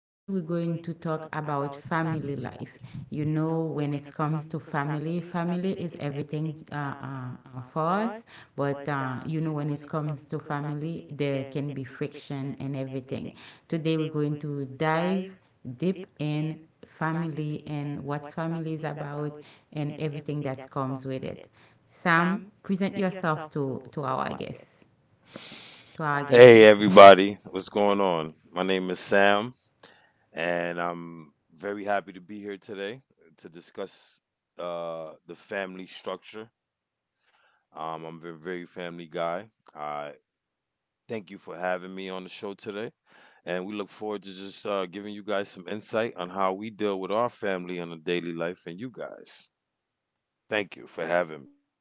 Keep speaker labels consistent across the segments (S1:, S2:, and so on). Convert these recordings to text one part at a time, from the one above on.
S1: with me. We're going to talk about family life. You know, when it comes to family, family is everything for us. But you know, when it comes to family, there can be friction and everything. Today, we're going to dive deep in family and what family is about and everything that comes with it. Sam, present yourself to our guests, to our guests.
S2: Hey everybody, what's going on? My name is Sam, and I'm very happy to be here today to discuss the family structure. I'm a very family guy. I thank you for having me on the show today, and we look forward to just giving you guys some insight on how we deal with our family on a daily life and you guys. Thank you for having me.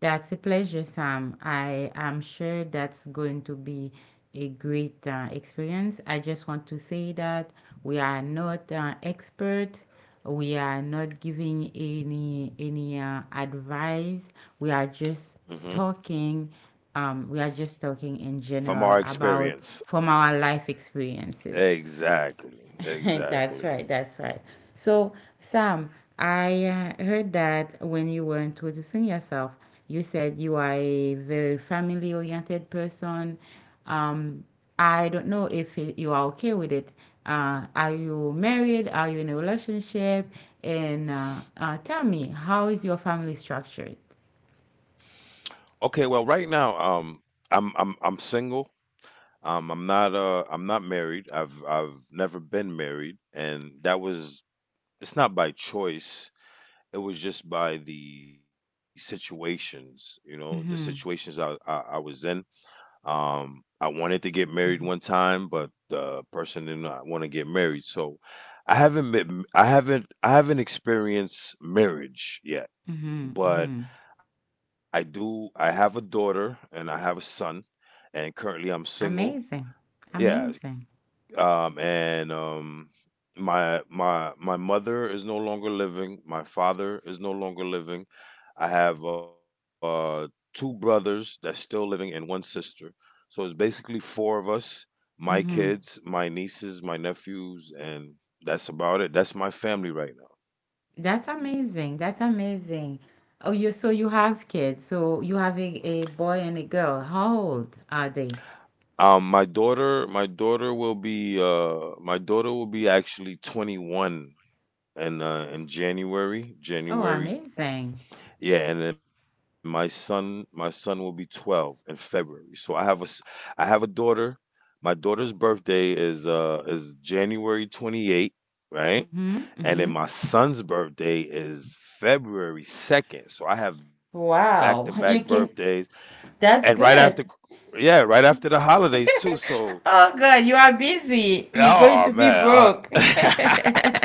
S1: That's a pleasure, Sam. I am sure that's going to be a great experience. I just want to say that we are not expert. We are not giving any advice. We are
S2: Hmm.
S1: just talking. We are just talking in
S2: From our
S1: general about
S2: experience.
S1: from our life experiences.
S2: Exactly. Exactly.
S1: That's right. That's right. So, Sam, I heard that when you were introducing yourself, you said you are a very family-oriented person. Um, I don't know if it, you are okay with it. Are you married? Are you in a relationship? And tell me, how is your family structured?
S2: Okay, well, right now, I'm single. I'm not married. I've never been married, and that was it's not by choice. It was just by the situations, the situations
S1: Mm-hmm.
S2: I was in. I wanted to get married one time, but the person did not want to get married, so I haven't experienced marriage yet,
S1: Mm-hmm.
S2: but
S1: Mm-hmm.
S2: I do. I have a daughter and I have a son, and currently I'm single.
S1: Amazing.
S2: Yeah,
S1: Amazing.
S2: and my mother is no longer living. My father is no longer living. I have two brothers that's still living and one sister. So it's basically four of us: my
S1: Mm-hmm.
S2: kids, my nieces, my nephews, and that's about it. That's my family right now.
S1: That's amazing. That's amazing. Oh, you so you have kids. So you have a boy and a girl. How old are they?
S2: Um, my daughter, my daughter will be uh, my daughter will be actually 21 in
S1: Oh,
S2: January.
S1: amazing.
S2: Yeah, and then my son will be 12 in February. So I have a daughter. My daughter's birthday is January 28th, right?
S1: Mm-hmm.
S2: And then
S1: Mm-hmm.
S2: my son's birthday is February 2nd. So I have back-to-back
S1: Wow.
S2: birthdays,
S1: You can
S2: and right
S1: that's
S2: after,
S1: good.
S2: yeah, right after the holidays too. So.
S1: Oh God, you are busy. You're going
S2: Oh
S1: to be
S2: man,
S1: broke.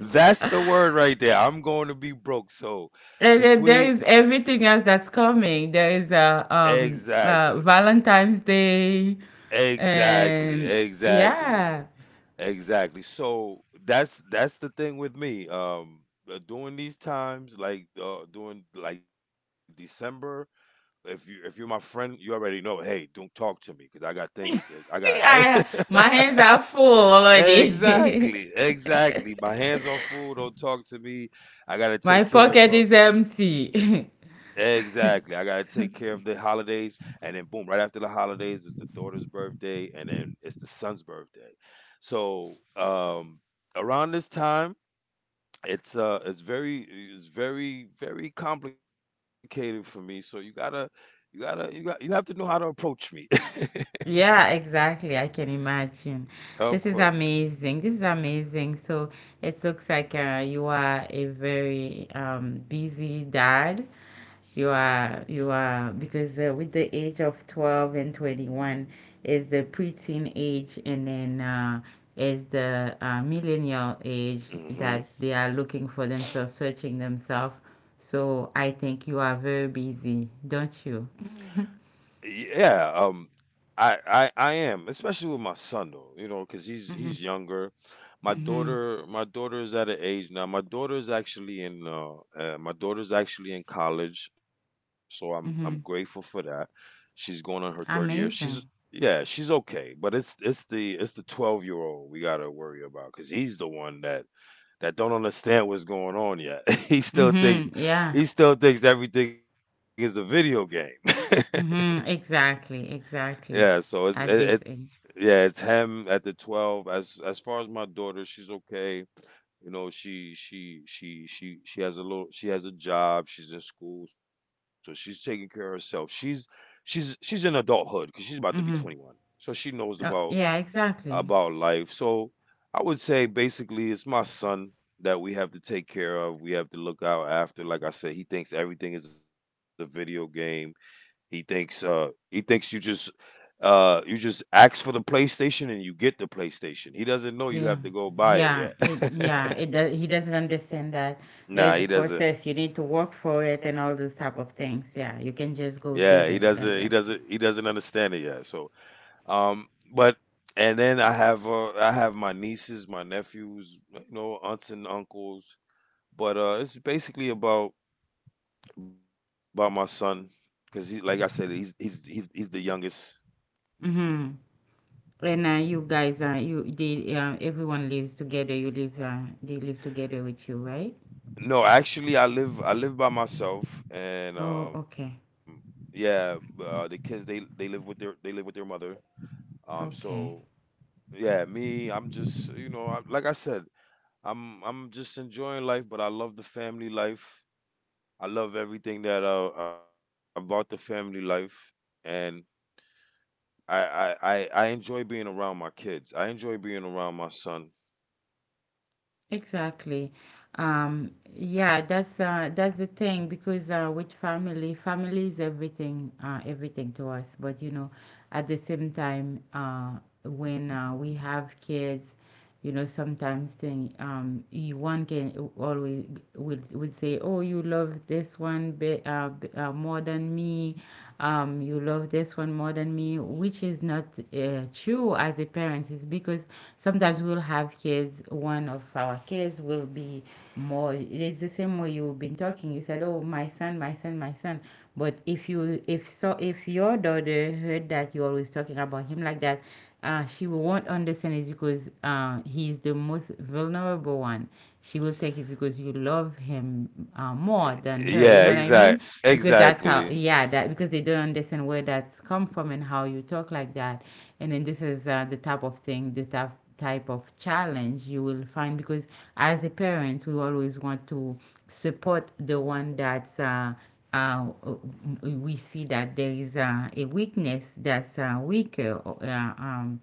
S2: that's the word right there. I'm going to be broke. So
S1: And then there
S2: between.
S1: is everything else that's coming. There is a
S2: Exactly,
S1: Valentine's Day
S2: exactly,
S1: and
S2: exactly,
S1: yeah.
S2: exactly. So that's the thing with me. During these times, like during like December, if you're my friend, you already know. Hey, don't talk to me because I got things. To, I
S1: I my hands
S2: got.
S1: are full already.
S2: Exactly, exactly. My hands are full. Don't talk to me. I gotta
S1: My
S2: take care of
S1: pocket
S2: her.
S1: is empty.
S2: Exactly. I gotta take care of the holidays, and then boom, right after the holidays, it's the daughter's birthday, and then it's the son's birthday. So around this time, it's it's very, very complicated for me. So you gotta, you gotta, you got, you have to know how to approach me.
S1: Yeah, exactly. I can imagine.
S2: Of
S1: This is
S2: course.
S1: amazing. This is amazing. So it looks like you are a very busy dad. Because with the age of 12 and 21 is the preteen age, and then is the millennial age
S2: Hmm.
S1: that they are looking for themselves, searching themselves. So I think you are very busy, don't you?
S2: Yeah. I am, especially with my son though, because he's
S1: Mm-hmm,
S2: he's younger. My
S1: mm-hmm,
S2: daughter, my daughter is at an age now. My daughter's actually in college, so I'm grateful
S1: mm-hmm.
S2: for that. She's going on her third year. She's
S1: Amazing.
S2: Yeah, she's okay, but it's the 12-year old we gotta worry about because he's the one that don't understand what's going on yet. he still
S1: Mm-hmm,
S2: thinks
S1: yeah.
S2: he still thinks everything is a video game.
S1: Mm-hmm, exactly, exactly.
S2: Yeah, so, it's
S1: At
S2: it,
S1: this
S2: it's
S1: age.
S2: yeah, it's him at the 12. As far as my daughter, she's okay. You know, she has a job, she's in school, so she's taking care of herself. She's in adulthood cuz she's about to be
S1: Mm-hmm.
S2: 21. So she knows
S1: Oh,
S2: about
S1: yeah, exactly.
S2: life. So I would say basically it's my son that we have to take care of. We have to look out after. Like I said, he thinks everything is a video game. He thinks uh he thinks you just ask for the PlayStation and you get the PlayStation. He doesn't know you
S1: Yeah,
S2: have to go buy it
S1: yeah,
S2: yet.
S1: it does. He doesn't understand that there
S2: Nah,
S1: is a
S2: he doesn't.
S1: process. You need to work for it and all those type of things. Yeah, you can
S2: Yeah,
S1: just go get it like
S2: he
S1: that.
S2: doesn't understand it yet. So, um but and then I have my nieces, my nephews, aunts and uncles, but it's basically about my son, cuz he like I said, he's the youngest.
S1: Mm-hmm. And you guys, you the everyone lives together. You live, they live together with you, right?
S2: No, actually, I live by myself, and
S1: Oh, okay,
S2: yeah, the kids, they live with their mother.
S1: okay.
S2: So yeah, me, I'm just you know, I, like I said, I'm just enjoying life, but I love the family life. I love everything that about the family life, and I enjoy being around my kids. I enjoy being around my son.
S1: Exactly. Um, yeah, that's the thing because with family, family is everything, everything to us. But you know, at the same time, when we have kids, you know, sometimes thing, you one can always would say, oh, you love this one bit, more than me. You love this one more than me, which is not true as a parent is because sometimes we'll have kids one of our kids will be more it's the same way you've been talking you said oh my son my son my son but if your daughter heard that you're always talking about him like that, she will not understand it because he is the most vulnerable one. She will take it because you love him them more than her you
S2: Yeah,
S1: know what I mean because that's how
S2: exactly.
S1: yeah that because they don't understand where that's come from and how you talk like that. And then this is the type of thing the type of challenge you will find because as a parent we always want to support the one that's uh, we see that there is a weakness that's weaker um,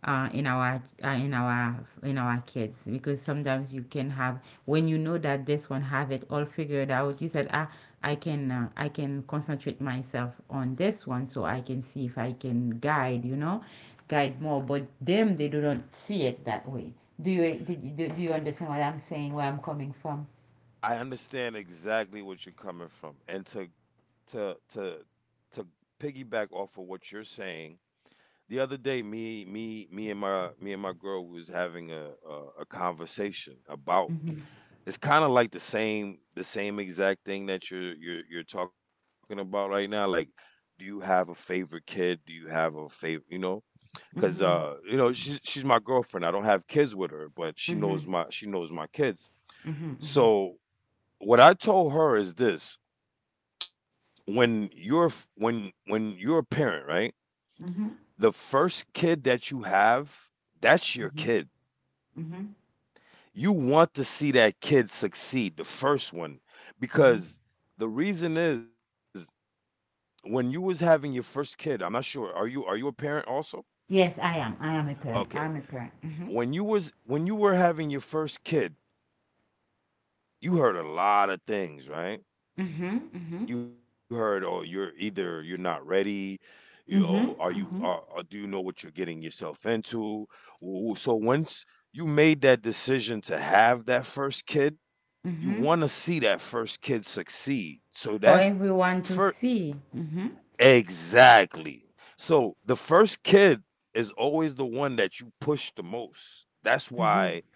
S1: in our in our kids because sometimes you can have when you know that this one have it all figured out you said ah I can concentrate myself on this one so I can see if I can guide you know guide more but them they do not see it that way. Do you did you, do, do you understand what I'm saying where I'm coming from?
S2: I understand exactly what you're coming from. And to piggyback off of what you're saying, the other day, me and my girl was having a conversation about,
S1: Mm-hmm.
S2: it's kind of like the same exact thing that you're talking about right now, like, do you have a favorite kid? Do you have a favorite, you know? Cuz
S1: Mm-hmm.
S2: she's my girlfriend. I don't have kids with her, but
S1: Mm-hmm.
S2: she knows my kids.
S1: Mm-hmm.
S2: So what I told her is this: when you're a parent, right?
S1: Mm-hmm. Mm-hmm.
S2: The first kid that you have, that's your kid.
S1: Mm-hmm.
S2: You want to see that kid succeed, the first one,
S1: Mm-hmm.
S2: because the reason is, when you was having your first kid. I'm not sure. Are you a parent also?
S1: Yes, I am a parent,
S2: Okay.
S1: I'm a parent. Mm-hmm.
S2: When you were having your first kid, you heard a lot of things, right?
S1: Mm-hmm.
S2: You heard, oh, you're not ready. you oh are
S1: Mhm,
S2: you are,
S1: mhm,
S2: are do you know what you're getting yourself into? Ooh, so once you made that decision to have that first kid, you
S1: mhm.
S2: want to see that first kid succeed,
S1: For
S2: so that
S1: everyone to
S2: first
S1: see. Mhm,
S2: exactly, so the first kid is always the one that you push the most.
S1: mhm,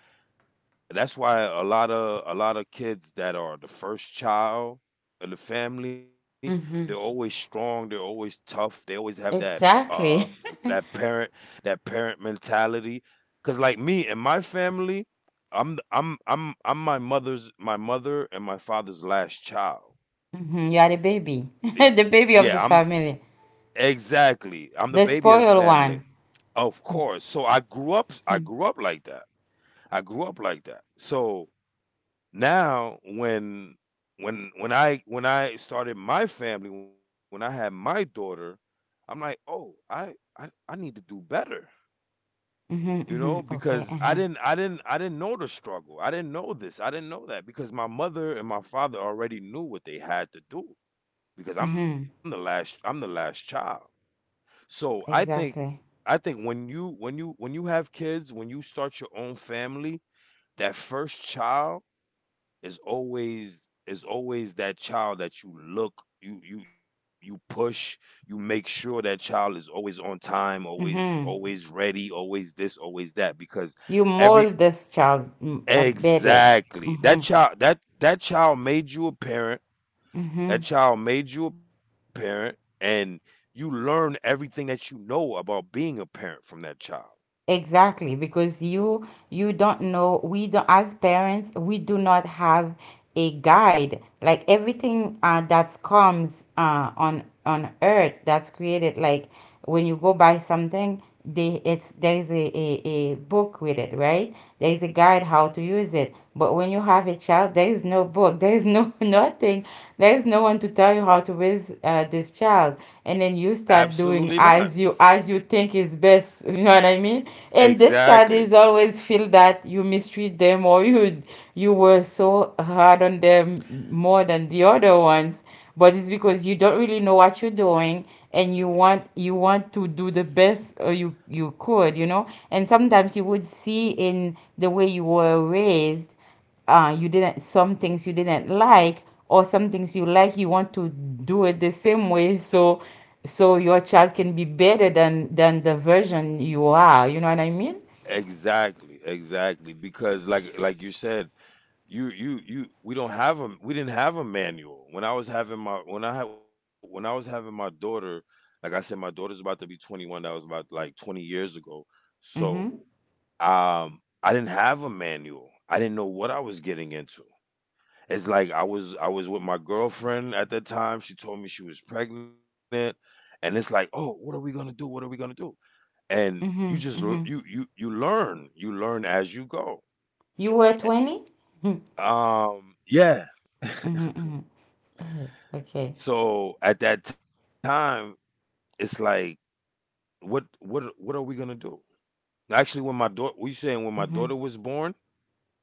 S2: That's why a lot of kids that are the first child of the family, they're always
S1: mhm.
S2: strong, they're always tough, they always have that uh
S1: Exactly.
S2: that parent that parent mentality. Cause like me and my family, I'm my mother's my mother and my father's last child.
S1: Mhm. You are the baby,
S2: Yeah,
S1: the
S2: I'm
S1: baby of the family,
S2: exactly. I'm the baby
S1: the
S2: of the
S1: spoiled
S2: family.
S1: one.
S2: Of course. So I grew up like that. I grew up like that. So now, when I started my family, when I had my daughter, I'm like, "Oh, I need to do better."
S1: Mm-hmm,
S2: You
S1: mm-hmm.
S2: know,
S1: Okay,
S2: because
S1: uh-huh.
S2: I didn't know the struggle. I didn't know this. I didn't know that, because my mother and my father already knew what they had to do because
S1: Mm-hmm.
S2: I'm the last child. So,
S1: Exactly.
S2: I think when you have kids, when you start your own family, that first child is always that child that you look, you push, you make sure that child is always on time, always,
S1: Mm-hmm.
S2: always ready, always this, always that, because
S1: You
S2: every—
S1: mold this child better.
S2: exactly,
S1: Mm-hmm,
S2: that child, that child made you a parent.
S1: mm-hmm.
S2: That child made you a parent, and you learn everything that you know about being a parent from that child.
S1: Exactly, because you don't know, we don't as parents, we do not have a guide. Like everything that comes on earth that's created, like when you go buy something, they it's there's a book with it, right? There's a guide how to use it. But when you have a child, out. There is no book. There is no nothing. There is no one to tell you how to raise this child. And then you
S2: Absolutely
S1: start
S2: not.
S1: doing as you think is best. You know what I mean? And this child
S2: Exactly.
S1: is always feel that you mistreat them or you were so hard on them more than the other ones. But it's because you don't really know what you're doing and you want to do the best you could, you know. And sometimes you would see in the way you were raised you didn't some things you didn't like or some things you like you want to do it the same way so your child can be better than the version you are you know what I mean.
S2: Exactly, exactly, because like you said, you we didn't have a manual when I was having my when I had when I was having my daughter. Like I said, my daughter's about to be 21. That was about like 20 years ago. So,
S1: Mm-hmm,
S2: I didn't have a manual. I didn't know what I was getting into. It's like, I was with my girlfriend at that time. She told me she was pregnant, and it's like, oh, what are we going to do? And you
S1: mm-hmm,
S2: just l-
S1: mm-hmm.
S2: you you learn as you go.
S1: You were 20. Mm-hmm,
S2: um yeah.
S1: mm-hmm. Okay.
S2: So at that time, it's like, what are we gonna do? Actually, when my daughter, we saying when my
S1: Mm-hmm,
S2: daughter was born,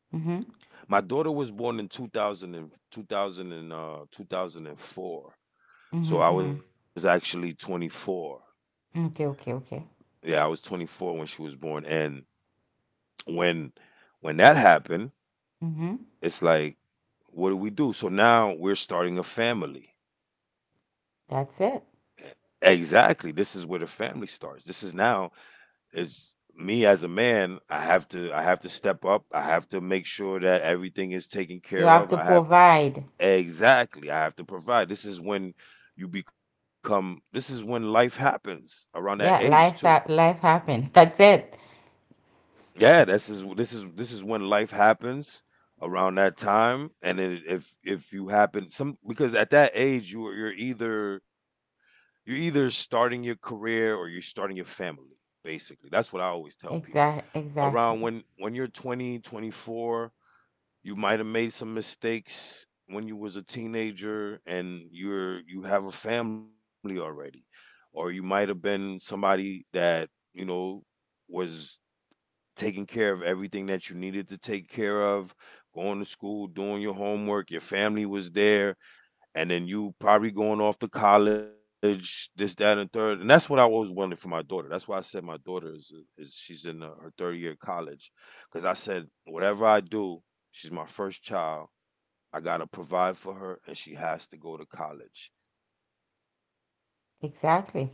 S1: mm-hmm,
S2: my daughter was born in 2000 and 2,000 and 2004.
S1: mm-hmm,
S2: So I was
S1: mm-hmm.
S2: actually 24.
S1: Okay, okay, okay.
S2: Yeah, I was 24 when she was born, and when when that happened,
S1: Mm-hmm.
S2: it's like, what do we do? So now we're starting a family.
S1: That's it.
S2: Exactly. This is where the family starts. This is now, is me as a man. I have to step up. I have to make sure that everything is taken
S1: You
S2: care
S1: have
S2: of.
S1: to
S2: I have—
S1: provide.
S2: exactly, I have to provide. This is when life happens around that age
S1: Yeah,
S2: too.
S1: life's life happened. That's it.
S2: Yeah, this is when life happens around that time, and then if you happen some because, at that age, you're either starting your career or you're starting your family. Basically, that's what I always tell people.
S1: Exactly,
S2: Around
S1: exactly.
S2: when you're 24, you might have made some mistakes when you was a teenager, and you have a family already, or you might have been somebody that you know was taking care of everything that you needed to take care of, going to school, doing your homework, your family was there, and then you probably going off to college, this, that, and third. And that's what I always wanted for my daughter. That's why I said my daughter is she's in her third year of college, because I said whatever I do, she's my first child. I gotta provide for her, and she has to go to college.
S1: Exactly.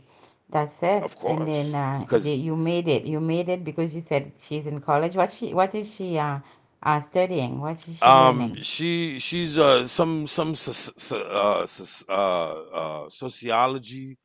S2: Of
S1: That's it.
S2: course,
S1: And then
S2: because
S1: you made it. You made it because you said she's in college. What she? What is she studying? What is she learning?
S2: She's some sociology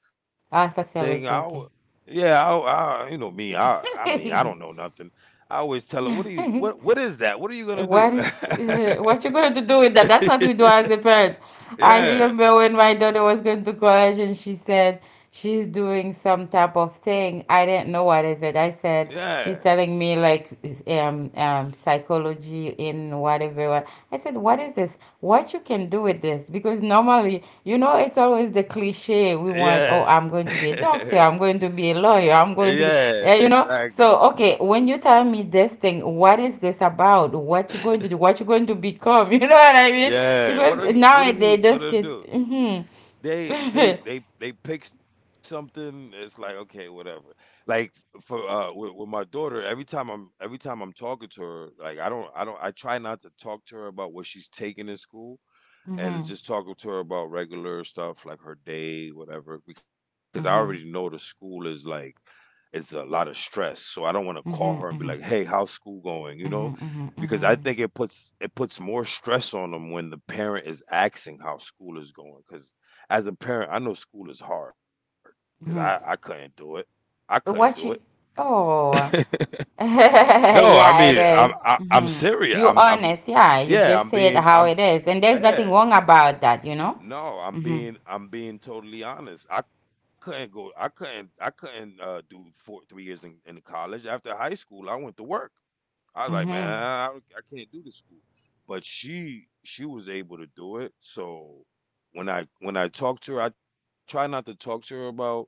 S1: Ah,
S2: thing.
S1: sociology.
S2: Yeah, I you know me. I mean I don't know
S1: Okay.
S2: nothing. I always tell her, "What are you? What is that? What are you gonna do?"
S1: What is what you going to do with that? That's what we do as a parent. I
S2: Yeah,
S1: remember when my daughter was going to college and she said she's doing some type of thing. I didn't know what is it. I said
S2: yeah,
S1: she's telling me like psychology in whatever. What I said, what is this? What you can do with this because normally you know it's always the cliche we want
S2: yeah.
S1: oh I'm going to be a doctor I'm going to be a lawyer I'm going
S2: Yeah.
S1: to be you know
S2: Exactly.
S1: so okay when you tell me this thing what is this about what you are going to do what you are going to become you know what I mean
S2: Yeah. What are
S1: because
S2: you? What are you
S1: nowadays those
S2: gonna
S1: kids
S2: do?
S1: mm-hmm.
S2: They they
S1: Mm-hmm.
S2: they they pick something. It's like okay, whatever. Like for with my daughter, every time I'm talking to her, like I try not to talk to her about what she's taking in school, and just talking to her about regular stuff like her day, whatever, because I already know the
S1: Mm-hmm.
S2: school is a lot of stress. So I don't want to call her and be
S1: Mm-hmm.
S2: like,
S1: Mm-hmm.
S2: "Hey, how's school going?" You know,
S1: Mm-hmm.
S2: because I
S1: Mm-hmm.
S2: think it puts more stress on them when the parent is asking how school is going. Because as a parent, I know school is hard. Because I
S1: Mm-hmm.
S2: couldn't do it. I couldn't do it.
S1: What you oh
S2: No, I mean
S1: yeah, it is.
S2: I'm
S1: Mhm.
S2: serious.
S1: You
S2: I'm
S1: honest, yeah. You
S2: yeah.
S1: just
S2: I'm
S1: say it
S2: being
S1: how
S2: I'm
S1: it is, and there's nothing
S2: yeah.
S1: wrong about that, you know.
S2: No, I'm
S1: Mhm.
S2: being I'm being totally honest. I couldn't go I couldn't do four 3 years in college. After high school I went to work. I was like, man,
S1: Mhm.
S2: I can't do the school. But she was able to do it. So when I talk to her, I try not to talk to her about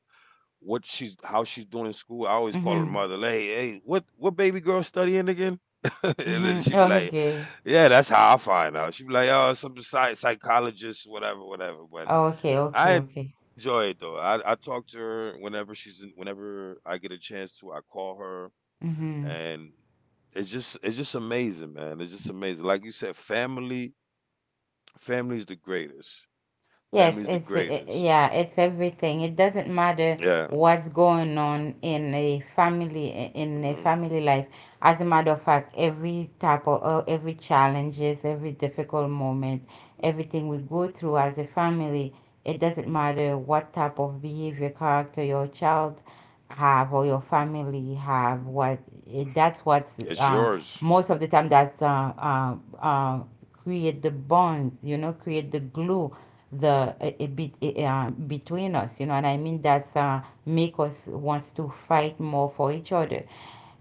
S2: what she's how she's doing in school. I always call her mother.
S1: Mhm.
S2: Like, hey, what baby girl studying again? And then
S1: Mhm.
S2: she'd be like,
S1: Okay.
S2: "Yeah, that's how I find out." She'd be like, "Oh, some psychologist, whatever, whatever." But
S1: Oh, okay.
S2: I
S1: Okay.
S2: enjoy
S1: Okay.
S2: it though. I talk to her whenever I get a chance to. I call her,
S1: Mhm.
S2: and it's just amazing, man. It's just amazing. Like you said, family's the greatest.
S1: Yes,
S2: Family's the greatest.
S1: yeah, it's everything. It doesn't
S2: Yeah.
S1: matter what's going on in a
S2: Hmm.
S1: family life. As a matter of fact, every type of every challenges, every difficult moment, everything we go through as a family, it doesn't matter what type of behavior character your child have or your family have. That's what's
S2: It's
S1: uh,
S2: yours.
S1: most of the time that's uh, create the bonds, you know, create the glue, the a bit between us, you know what I mean? That's make us wants to fight more for each other.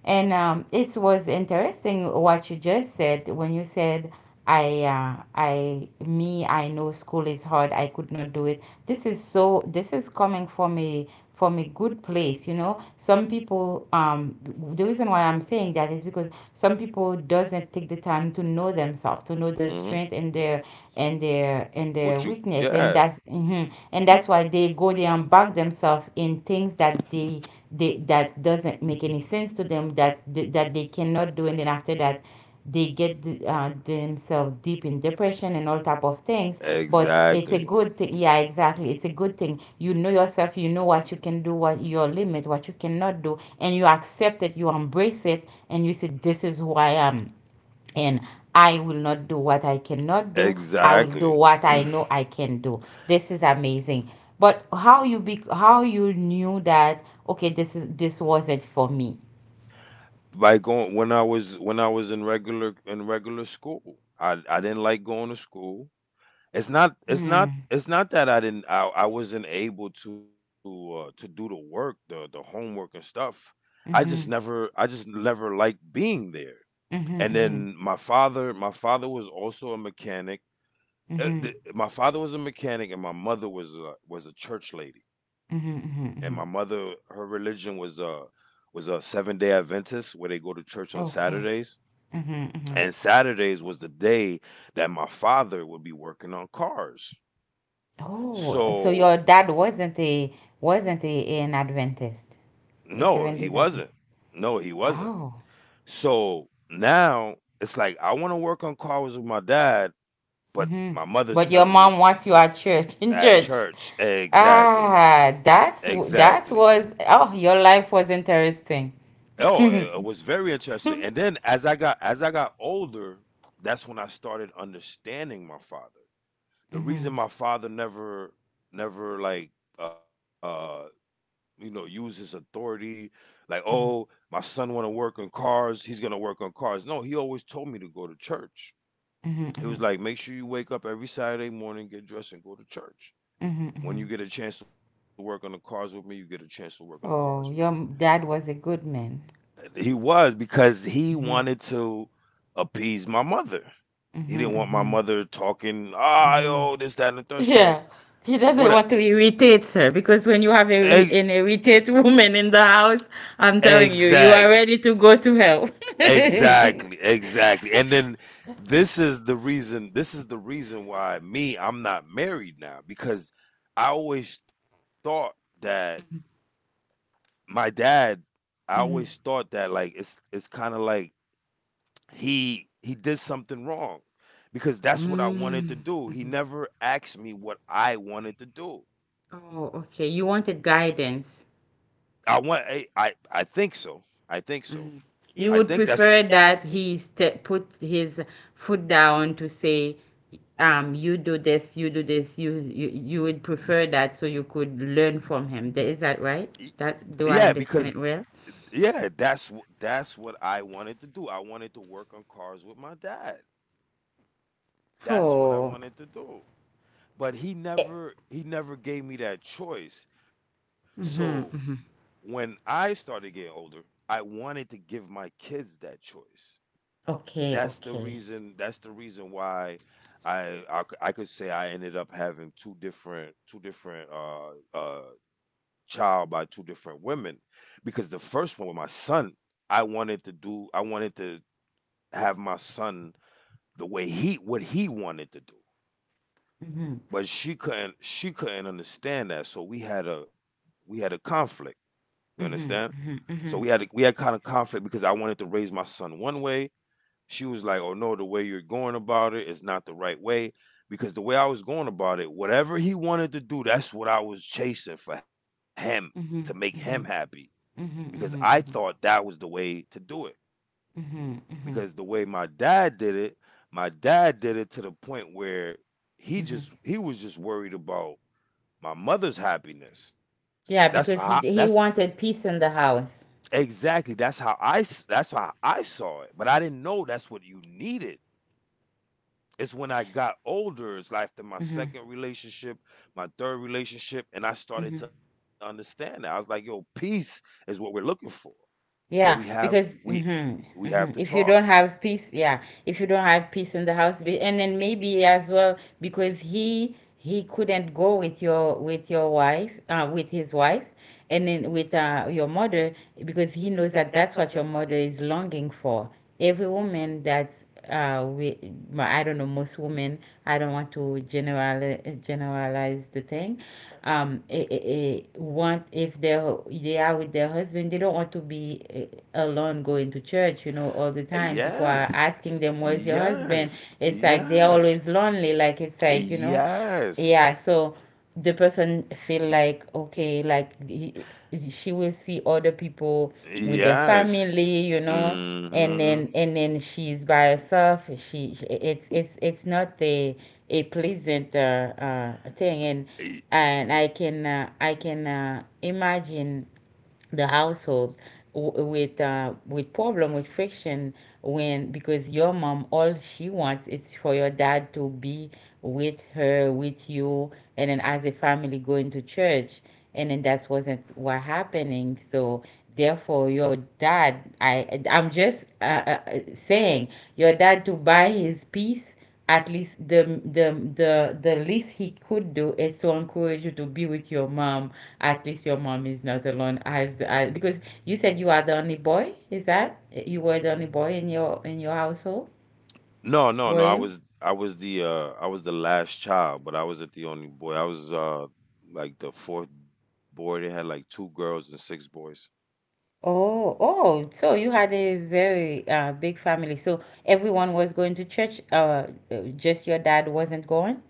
S1: And it was interesting what you just said when you said, I know school is hard. I could not do it. This is so. This is coming from a good place you know some people the reason why I'm saying that is because some people doesn't take the time to know themselves to know their
S2: Mm-hmm.
S1: strength and their and their
S2: What you
S1: weakness and
S2: yeah,
S1: that's mhm. And
S2: you
S1: that's why they go there and bug themselves in things that they that doesn't make any sense to them that they cannot do. And then after that they get themselves deep in depression and all type of things. But it's a
S2: exactly.
S1: good thing. Yeah, exactly, it's a good thing. You know yourself, you know what you can do, what your limit, what you cannot do, and you accept it, you embrace it, and you say, this is who I am, and I will not do what I cannot do. I will do
S2: Exactly.
S1: what I know I can do. This is amazing. But how you knew that, okay, this wasn't for me?
S2: By going when I was in regular school. I didn't like going to school. It's not it's not
S1: Hmm.
S2: it's not that I didn't I wasn't able to do the work, the homework and stuff. I just
S1: Mm-hmm,
S2: never I just never liked being there.
S1: mm-hmm,
S2: And
S1: mm-hmm,
S2: then my father was also a mechanic.
S1: mm-hmm.
S2: My father was a mechanic, and my mother was a church lady.
S1: Mhm,
S2: And my
S1: mhm,
S2: mother,
S1: mhm.
S2: her religion was a seven-day Adventist, where they go to church on
S1: Okay.
S2: Saturdays,
S1: Mhm, mhm.
S2: and Saturdays was the day that my father would be working on cars.
S1: Oh, so
S2: So
S1: your dad wasn't an Adventist,
S2: no,
S1: a
S2: he
S1: Seventh Days
S2: wasn't.
S1: Adventist.
S2: No, he wasn't.
S1: Oh.
S2: So now it's like, I want to work on cars with my dad, but
S1: Hmm.
S2: my mother's
S1: But your
S2: telling me
S1: mom wants you at church, in
S2: at
S1: church.
S2: church. Exactly,
S1: Ah, that's
S2: exactly.
S1: w- that was oh, your life was interesting.
S2: Oh, it was very interesting. And then as I got older, that's when I started understanding my father.
S1: Mhm,
S2: The reason
S1: mhm,
S2: my father never like, uh uses authority, like, oh,
S1: mhm,
S2: my son want to work on cars, he's gonna work on cars. No, he always told me to go to church. He was
S1: mhm,
S2: like, make sure you wake up every Saturday morning, get dressed, and go to church.
S1: mhm,
S2: When you
S1: mhm.
S2: get a chance to work on the cars with me, you get a chance to work on the cars with me.
S1: Oh, your dad was a good man.
S2: He was, because he
S1: Hmm,
S2: wanted to appease my mother. He didn't want my
S1: hmm,
S2: mother talking,
S1: hmm,
S2: ah,
S1: hmm.
S2: oh, this, that, and the third. So
S1: Yeah. He
S2: what?
S1: doesn't want to irritate her because when you
S2: Ex-
S1: have an irritated woman in the house, I'm telling you, you
S2: exactly,
S1: are ready to go to hell.
S2: exactly, exactly. And then this is the reason. This is the reason why me, I'm not married now, because I always thought that my dad. I always
S1: Mhm.
S2: thought that, like, it's kind of like he did something wrong, because that's what I wanted
S1: Mm.
S2: to do. He never asked me what I wanted to do.
S1: Oh, okay. You wanted guidance.
S2: I think so. I think so. I
S1: You
S2: think
S1: would
S2: that's
S1: prefer that he put his foot down to say, you do this, you do this. You would prefer that so you could learn from him. Is
S2: y-
S1: that right?
S2: yeah
S1: That Do I
S2: because
S1: understand it well?
S2: that's what I wanted to do. I wanted to work on cars with my dad. That's what I
S1: Oh.
S2: wanted to do. But he never gave me that choice. So
S1: Mm-hmm.
S2: when I started getting older, I wanted to give my kids that choice.
S1: Okay,
S2: that's the
S1: okay.
S2: reason that's the reason why I could say I ended up having two different child by two different women, because the first one, with my son, I wanted to have my son the way he what he wanted to do,
S1: Mhm.
S2: but she couldn't understand that, so we had a conflict, you understand.
S1: Mhm. Mhm.
S2: So we had a,
S1: Mhm.
S2: we had kind of conflict because I wanted to raise my son one way. She was like, "Oh no, the way you're going about it is not the right way." Because the way I was going about it, whatever he wanted to do, that's what I was chasing for him to make him
S1: Mhm.
S2: happy.
S1: Mhm.
S2: Because
S1: Mhm.
S2: I
S1: Mhm.
S2: thought
S1: Mhm.
S2: that was the way to do it.
S1: Mhm. Mhm.
S2: Because the way my dad did it, my dad did it to the point where he
S1: Mhm.
S2: just he was just worried about my mother's happiness. That's how I,
S1: Yeah, because
S2: that's
S1: he wanted peace in the house.
S2: exactly that's how I saw it. But I didn't know that's what you needed. It's when I got older, it's like after my
S1: Mhm.
S2: second relationship, my third relationship, and I started to
S1: Mhm.
S2: understand that. I was like, yo, peace is what we're looking for. So we
S1: Yeah,
S2: have
S1: because
S2: we we have to
S1: if you
S2: talk.
S1: don't have peace, yeah, if you don't have peace in the house, and then maybe as well because he couldn't go with your wife, with his wife, and then with your mother because he knows that that's what your mother is longing for. Every woman that's uh, we, I don't know, most women. I don't want to generalize is the thing. Want if they are with their husband, they don't want to be alone going to church. You know, all the time people are
S2: Yes.
S1: asking them, "Where's your husband?"
S2: Yes.
S1: It's like they're
S2: Yes.
S1: always lonely. Like, it's like,
S2: Yes.
S1: yeah. So the person feel like okay, like she will see other people with their
S2: Yes.
S1: family. You know, and
S2: Hmm.
S1: then and then she's by herself, she it's not the a pleasant thing, and I can imagine the household, with problem, with friction, when, because your mom, all she wants is for your dad to be with her, with you, and then as a family going to church, and then that wasn't what happening. So therefore your dad, I'm just saying your dad to buy his peace. At least the the least he could do is to encourage you to be with your mom. At least your mom is not alone, as because you said you are the only boy, is that, you were the only boy in your household,
S2: No, no, no.
S1: were you?
S2: I was the last child, but I wasn't the only boy. I was like the fourth boy. They had like two girls and six boys.
S1: Oh, oh, so you had a very big family. So everyone was going to church, just your dad wasn't going,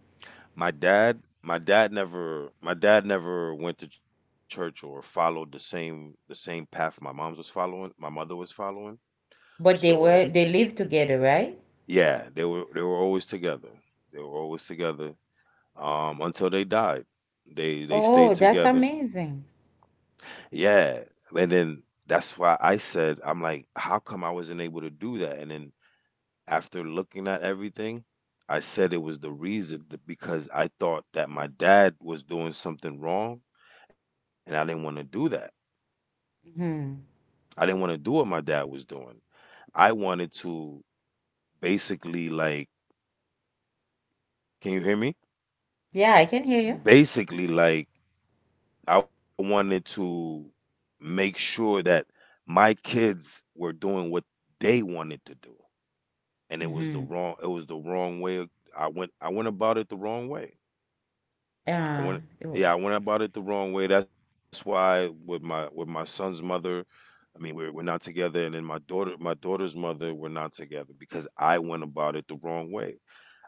S2: my dad my dad never went to church or followed the same path my mother was following.
S1: but
S2: So
S1: they lived together, right?
S2: yeah, they were always together. They were always together, until they died. They
S1: Oh,
S2: stayed
S1: that's
S2: together,
S1: amazing.
S2: yeah. And then that's why I said, I'm like, how come I wasn't able to do that? And then, after looking at everything, I said it was the reason because I thought that my dad was doing something wrong, and I didn't want to do that.
S1: Hmm.
S2: I didn't want to do what my dad was doing. I wanted to, basically, like, can you hear me?
S1: Yeah, I can hear you.
S2: Basically, like, I wanted to make sure that my kids were doing what they wanted to do, and it was the
S1: Mm-hmm.
S2: wrong it was the wrong way. I went about it the wrong way. I
S1: Uh,
S2: went yeah, I went about it the wrong way. That's why with my son's mother, I mean we're not together, and then my daughter's mother, we're not together, because I went about it the wrong way.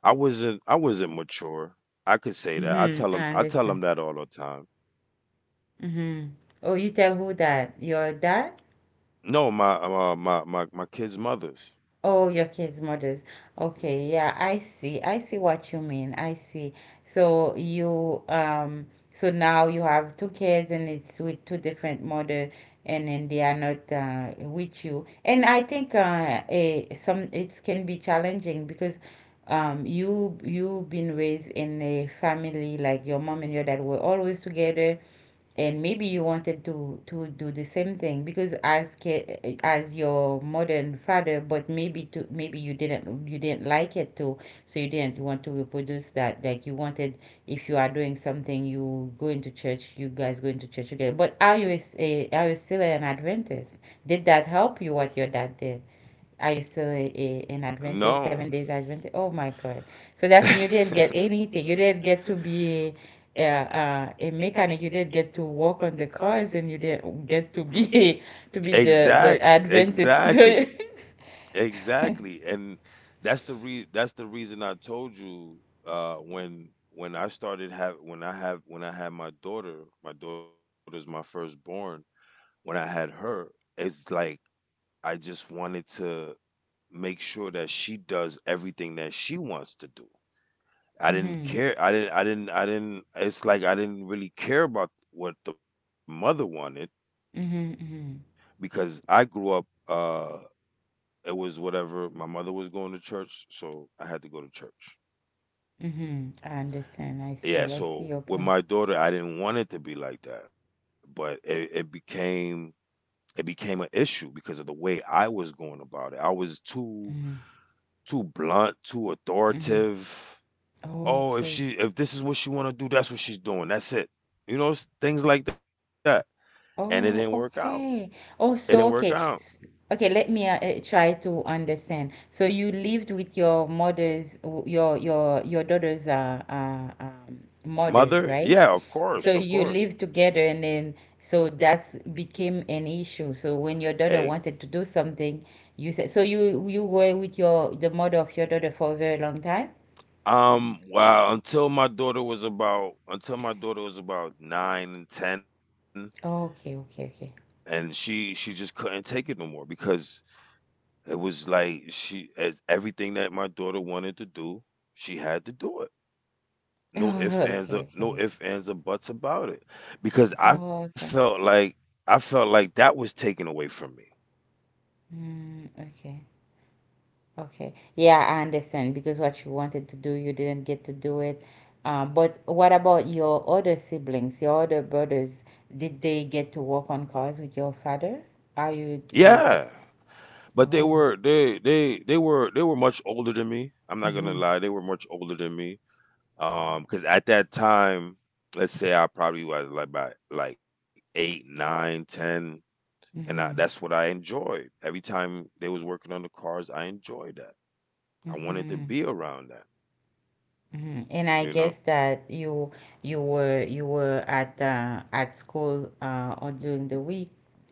S2: I wasn't mature. I could say that. I
S1: mm-hmm.
S2: tell
S1: I
S2: them I tell
S1: understand.
S2: them that all the time.
S1: Mm-hmm. Oh, you tell who that? Your dad?
S2: No, my kids' mothers.
S1: Oh, your kids' mothers. Okay, yeah, I see. I see what you mean. I see. So you um so now you have two kids and it's with two different mother, and then they are not with you. And I think some, it can be challenging because you've been raised in a family like your mom and your dad were always together, and maybe you wanted to do the same thing, because as your mother and father, but maybe to maybe you didn't like it too, so you didn't want to reproduce that, like you wanted, if you are doing something, you go into church, you guys go into church together. But are you are you still an adventist? Did that help you, what your dad did? Are you still an Adventist, seven
S2: No.
S1: days Adventist? Oh my God. So that's when you didn't get anything. You didn't get to be a mechanic. You didn't get to work on the cars, and you didn't get to be to be
S2: exact
S1: the Adventist.
S2: exactly.
S1: So,
S2: Exactly. And that's the reason I told you, uh when when I had my daughter. My daughter's my firstborn. When I had her, it's like I just wanted to make sure that she does everything that she wants to do. I didn't
S1: mm-hmm,
S2: care. I didn't it's like I didn't really care about what the mother wanted
S1: mm-hmm, mm-hmm,
S2: because I grew up uh it was whatever my mother was going to church, so I had to go to church.
S1: mm-hmm. I understand. I
S2: Yeah,
S1: see. I see
S2: so
S1: your
S2: with
S1: point.
S2: my daughter I didn't want it to be like that, but it became it became an issue because of the way I was going about it. I was too
S1: Mm-hmm,
S2: too blunt, too
S1: mm-hmm.
S2: authoritative. Oh,
S1: Okay.
S2: if this is what she want to do, that's what she's doing, that's it, you know. Things like that, and it didn't work out.
S1: Oh, okay.
S2: It
S1: Oh,
S2: didn't
S1: so
S2: work
S1: okay.
S2: out.
S1: S- Okay, let me try to understand. So you lived with your daughter's mother,
S2: Mother,
S1: right?
S2: yeah, of
S1: So
S2: course, of
S1: you
S2: course.
S1: lived together, and then so that's became an issue. So when your
S2: Hey,
S1: daughter wanted to do something, you said so you were with your the mother of your daughter for a very long time.
S2: um, well, until my daughter was about 9 and 10,
S1: Okay, okay, okay.
S2: and she just couldn't take it no more, because it was like she as everything that my daughter wanted to do, she had to do it.
S1: Oh, okay, okay, okay.
S2: No ifs ands or buts about it, because
S1: Oh, okay.
S2: I felt like that was taken away from me.
S1: Mm, okay. Okay. Yeah, I understand because what you wanted to do, you didn't get to do it. But what about your other siblings, your other brothers? Did they get to work on cars with your father? Are you do?
S2: Yeah, but
S1: Oh.
S2: they were much older than me. I'm not
S1: Mm-hmm.
S2: gonna lie, they were much older than me. Because at that time, let's say I probably was like by like 8, 9, 10. And that's what
S1: Mm-hmm.
S2: I enjoyed. Every time they was working on the cars, I enjoyed that. I wanted
S1: Mm-hmm.
S2: to be around that.
S1: Mm-hmm. And I
S2: You
S1: guess
S2: know?
S1: that you were at school, or during the week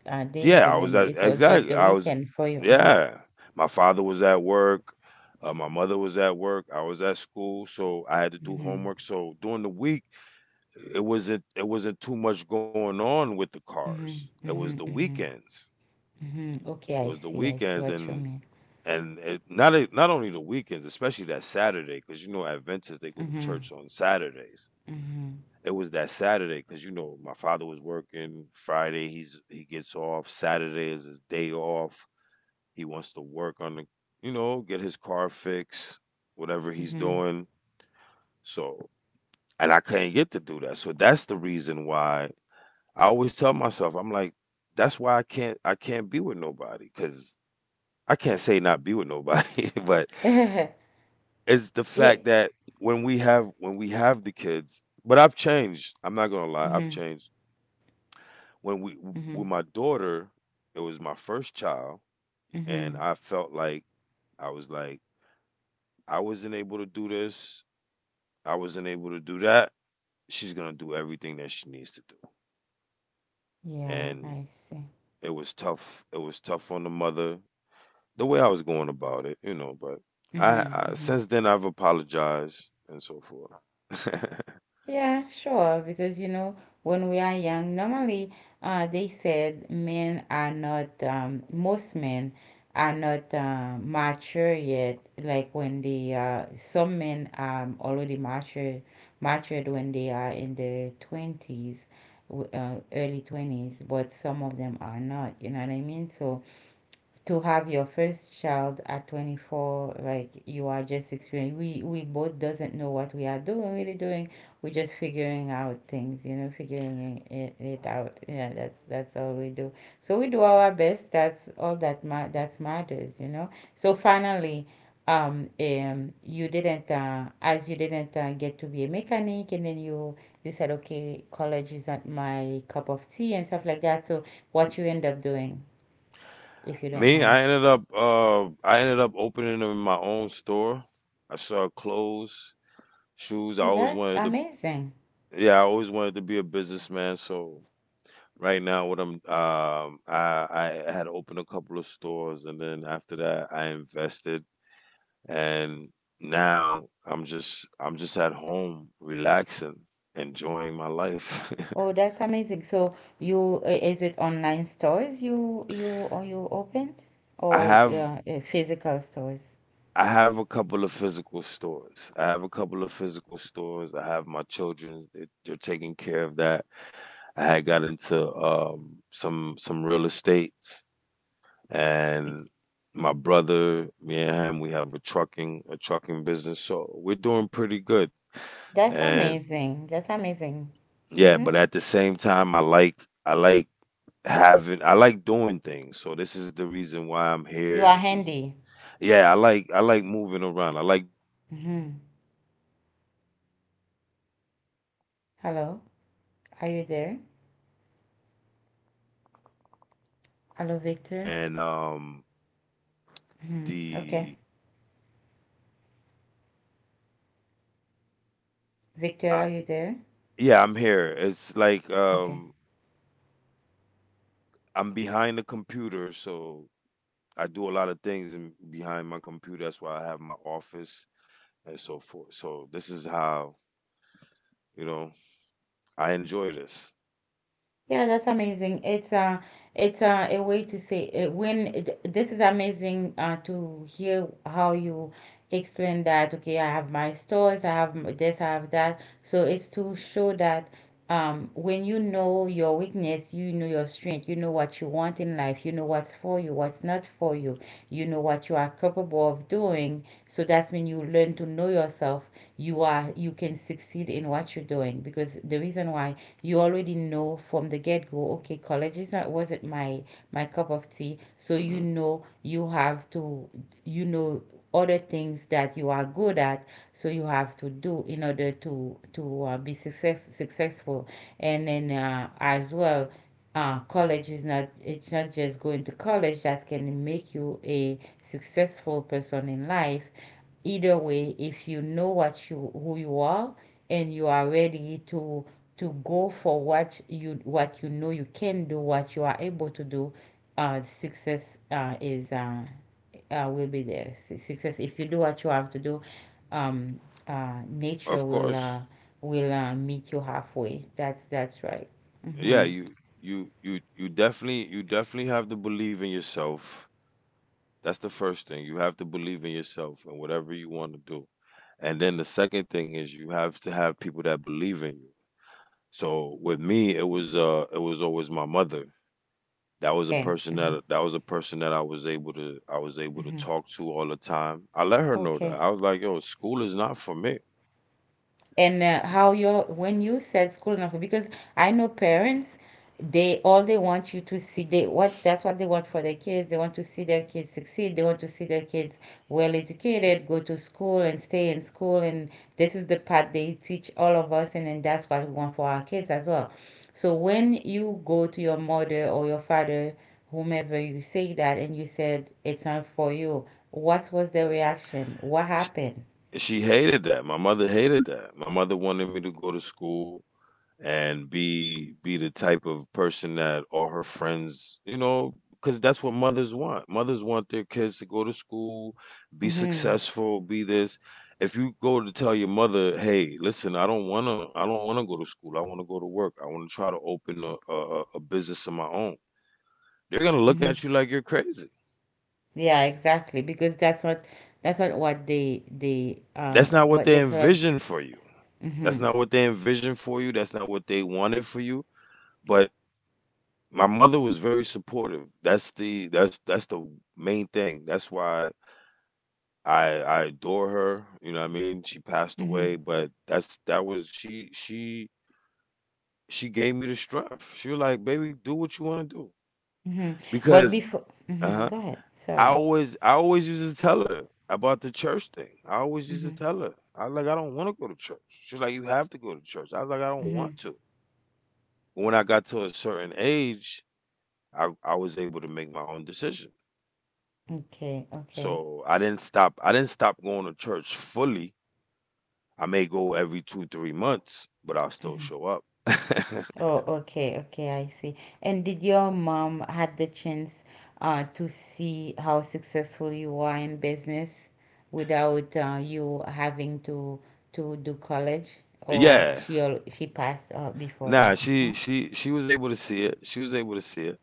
S1: days,
S2: Yeah, I
S1: and
S2: was
S1: then
S2: at
S1: it was just
S2: exactly.
S1: the
S2: I was,
S1: weekend for you. Mm-hmm.
S2: yeah. My father was at work. My mother was at work. I was at school, so I had to do
S1: Mm-hmm.
S2: homework. So during the week, it wasn't too much going on with the
S1: Mm-hmm.
S2: cars. It
S1: Mm-hmm.
S2: was the
S1: Mm-hmm.
S2: weekends.
S1: Mhm. Okay, I
S2: It was the
S1: see. I see
S2: weekends,
S1: what you
S2: and
S1: mean.
S2: not a, not only the weekends, especially that Saturday, because you know Adventists, they go to
S1: Mhm.
S2: church on Saturdays.
S1: Mhm.
S2: It was that Saturday, because you know my father was working Friday. He gets off. Saturday is his day off. He wants to work on the, you know, get his car fixed, whatever he's doing. So, and I couldn't get to do that. So that's the reason why I always tell myself, I'm like, that's why I can't be with nobody, because I can't say not be with nobody, but
S1: Mhm.
S2: it's the
S1: Yeah.
S2: fact that when we have the kids. But I've changed. I'm not gonna lie, I've
S1: Mhm.
S2: changed. When we,
S1: Mhm.
S2: with my daughter, it was my first child, and
S1: Mhm.
S2: I felt like I was like I wasn't able to do this, I wasn't able to do that. She's gonna do everything that she needs to do,
S1: Yeah,
S2: and
S1: I see.
S2: it was tough. It was tough on the mother, the way I was going about it, you know. But
S1: Mhm.
S2: I
S1: Mhm.
S2: since then I've apologized and so forth.
S1: Yeah, sure. Because, you know, when we are young, normally they said men are not, most men are not mature yet. Like some men are already matured, when they are in their 20s, early 20s, but some of them are not. You know what I mean? So to have your first child at 24, like you are just experiencing, we both doesn't know what we are doing, really doing we're just figuring out things, you know, figuring it out, yeah, that's all we do, so we do our best, that's all that matters, you know. So finally, you didn't as you didn't get to be a mechanic, and then you said okay, college isn't my cup of tea and stuff like that, so what you end up doing, if you don't
S2: Me,
S1: mind?
S2: I ended up opening up my own store. I sell clothes, shoes. I
S1: Oh,
S2: always
S1: that's
S2: wanted to,
S1: amazing.
S2: yeah, I always wanted to be a businessman. So right now, what I'm um, I had opened a couple of stores, and then after that I invested, and now I'm just at home, relaxing, enjoying my life.
S1: Oh, that's amazing. So you, is it online stores you opened,
S2: I
S1: or
S2: have
S1: physical stores?
S2: I have a couple of physical stores. I have a couple of physical stores. I have my children; they- they're taking care of that. I had got into, some real estates,
S1: Be-
S2: and my brother, me and him, we have a trucking business, so we're doing pretty good.
S1: That's
S2: And
S1: amazing. That's amazing.
S2: yeah,
S1: Mm-hmm.
S2: but at the same time, I like having, I like doing things. So this is the reason why I'm here.
S1: You are
S2: This is,
S1: handy.
S2: yeah, I like moving around. I like doing different type of
S1: Mm-hmm.
S2: things. You know, but um, with
S1: Hello,
S2: me, with
S1: are you there?
S2: the with the businesses that I have
S1: Hello, Victor.
S2: and um,
S1: Mm-hmm. Okay.
S2: the
S1: Victor,
S2: I,
S1: are you there?
S2: yeah, I'm here. It's like,
S1: Okay.
S2: um, I'm behind the computer, so I do a lot of things in, behind my computer. That's why I have my office and so forth. So this is how, you know, I enjoy this.
S1: Yeah, that's amazing. It's a way to say, when this is amazing, to hear how you explain that. Okay, I have my stores, I have this, I have that. So it's to show that, when you know your weakness, you know your strength, you know what you want in life, you know what's for you, what's not for you, you know what you are capable of doing. So that's when you learn to know yourself, you are, you can succeed in what you're doing, because the reason why, you already know from the get-go, okay, college is not wasn't my cup of tea, so you
S2: Hmm.
S1: know you have to, you know, other things that you are good at, so you have to do in order to be successful. And then as well, college is not, it's not just going to college that can make you a successful person in life. Either way, if you know who you are, and you are ready to go for what you know you can do, what you are able to do, success is will be there. Success. If you do what you have to do, um,
S2: Of
S1: nature will
S2: course.
S1: uh, will uh, meet you halfway. That's right.
S2: Yeah,
S1: Hmm.
S2: you definitely, you definitely have to believe in yourself. That's the first thing. You have to believe in yourself and whatever you want to do. And then the second thing is, you have to have people that believe in you. So with me, it was always my mother. That was a
S1: Okay.
S2: person that
S1: Hmm.
S2: I was able to, I was able to talk to all the time. I let her know that, I
S1: Okay.
S2: was like, yo, school is not for me.
S1: And how your when you said school enough, because I know parents, they all, they want you to see, they what that's what they want for their kids, they want to see their kids succeed, they want to see their kids well educated, go to school and stay in school, and this is the part they teach all of us, and then that's what we want for our kids as well. So when you go to your mother or your father, whomever, you say that and you said it's not for you, what was the reaction? What
S2: She,
S1: happened?
S2: she hated that. My mother hated that. My mother wanted me to go to school, and be the type of person that all her friends, you know, because that's what mothers want. Mothers want their kids to go to school, be
S1: Mm-hmm.
S2: successful, be this. If you go to tell your mother, "Hey, listen, I don't wanna go to school. I wanna go to work. I wanna try to open a a business of my own," they're gonna look
S1: Mm-hmm.
S2: at you like you're crazy.
S1: Yeah, exactly. Because that's not what they
S2: That's not what
S1: what
S2: they
S1: that's what.
S2: envision for you.
S1: Mm-hmm,
S2: That's not what they envisioned for you. That's not what they wanted for you. But my mother was very supportive. That's the main thing. That's why I adore her. You know what I mean? She passed
S1: mm-hmm,
S2: away, but that's that was she she gave me the strength. She was like, "Baby, do what you want to do."
S1: mm-hmm. But
S2: Because
S1: before, mm-hmm,
S2: uh-huh,
S1: go ahead. Sorry.
S2: I always used to tell her about the church thing. I always used
S1: Mm-hmm,
S2: to tell her. I was like, "I don't want to go to church." She was like, "You have to go to church." I was like, "I don't
S1: mm-hmm.
S2: want to." When I got to a certain age, I was able to make my own decision.
S1: Okay, okay.
S2: So I didn't stop. I didn't stop going to church fully. I may go every two, 3 months, but I'll still show up.
S1: Oh, okay, okay, I see. And did your mom had the chance to see how successful you are in business without, you having to do college, or
S2: Yeah.
S1: she passed before that?
S2: Nah,
S1: No?
S2: she she was able to see it. She was able to see it.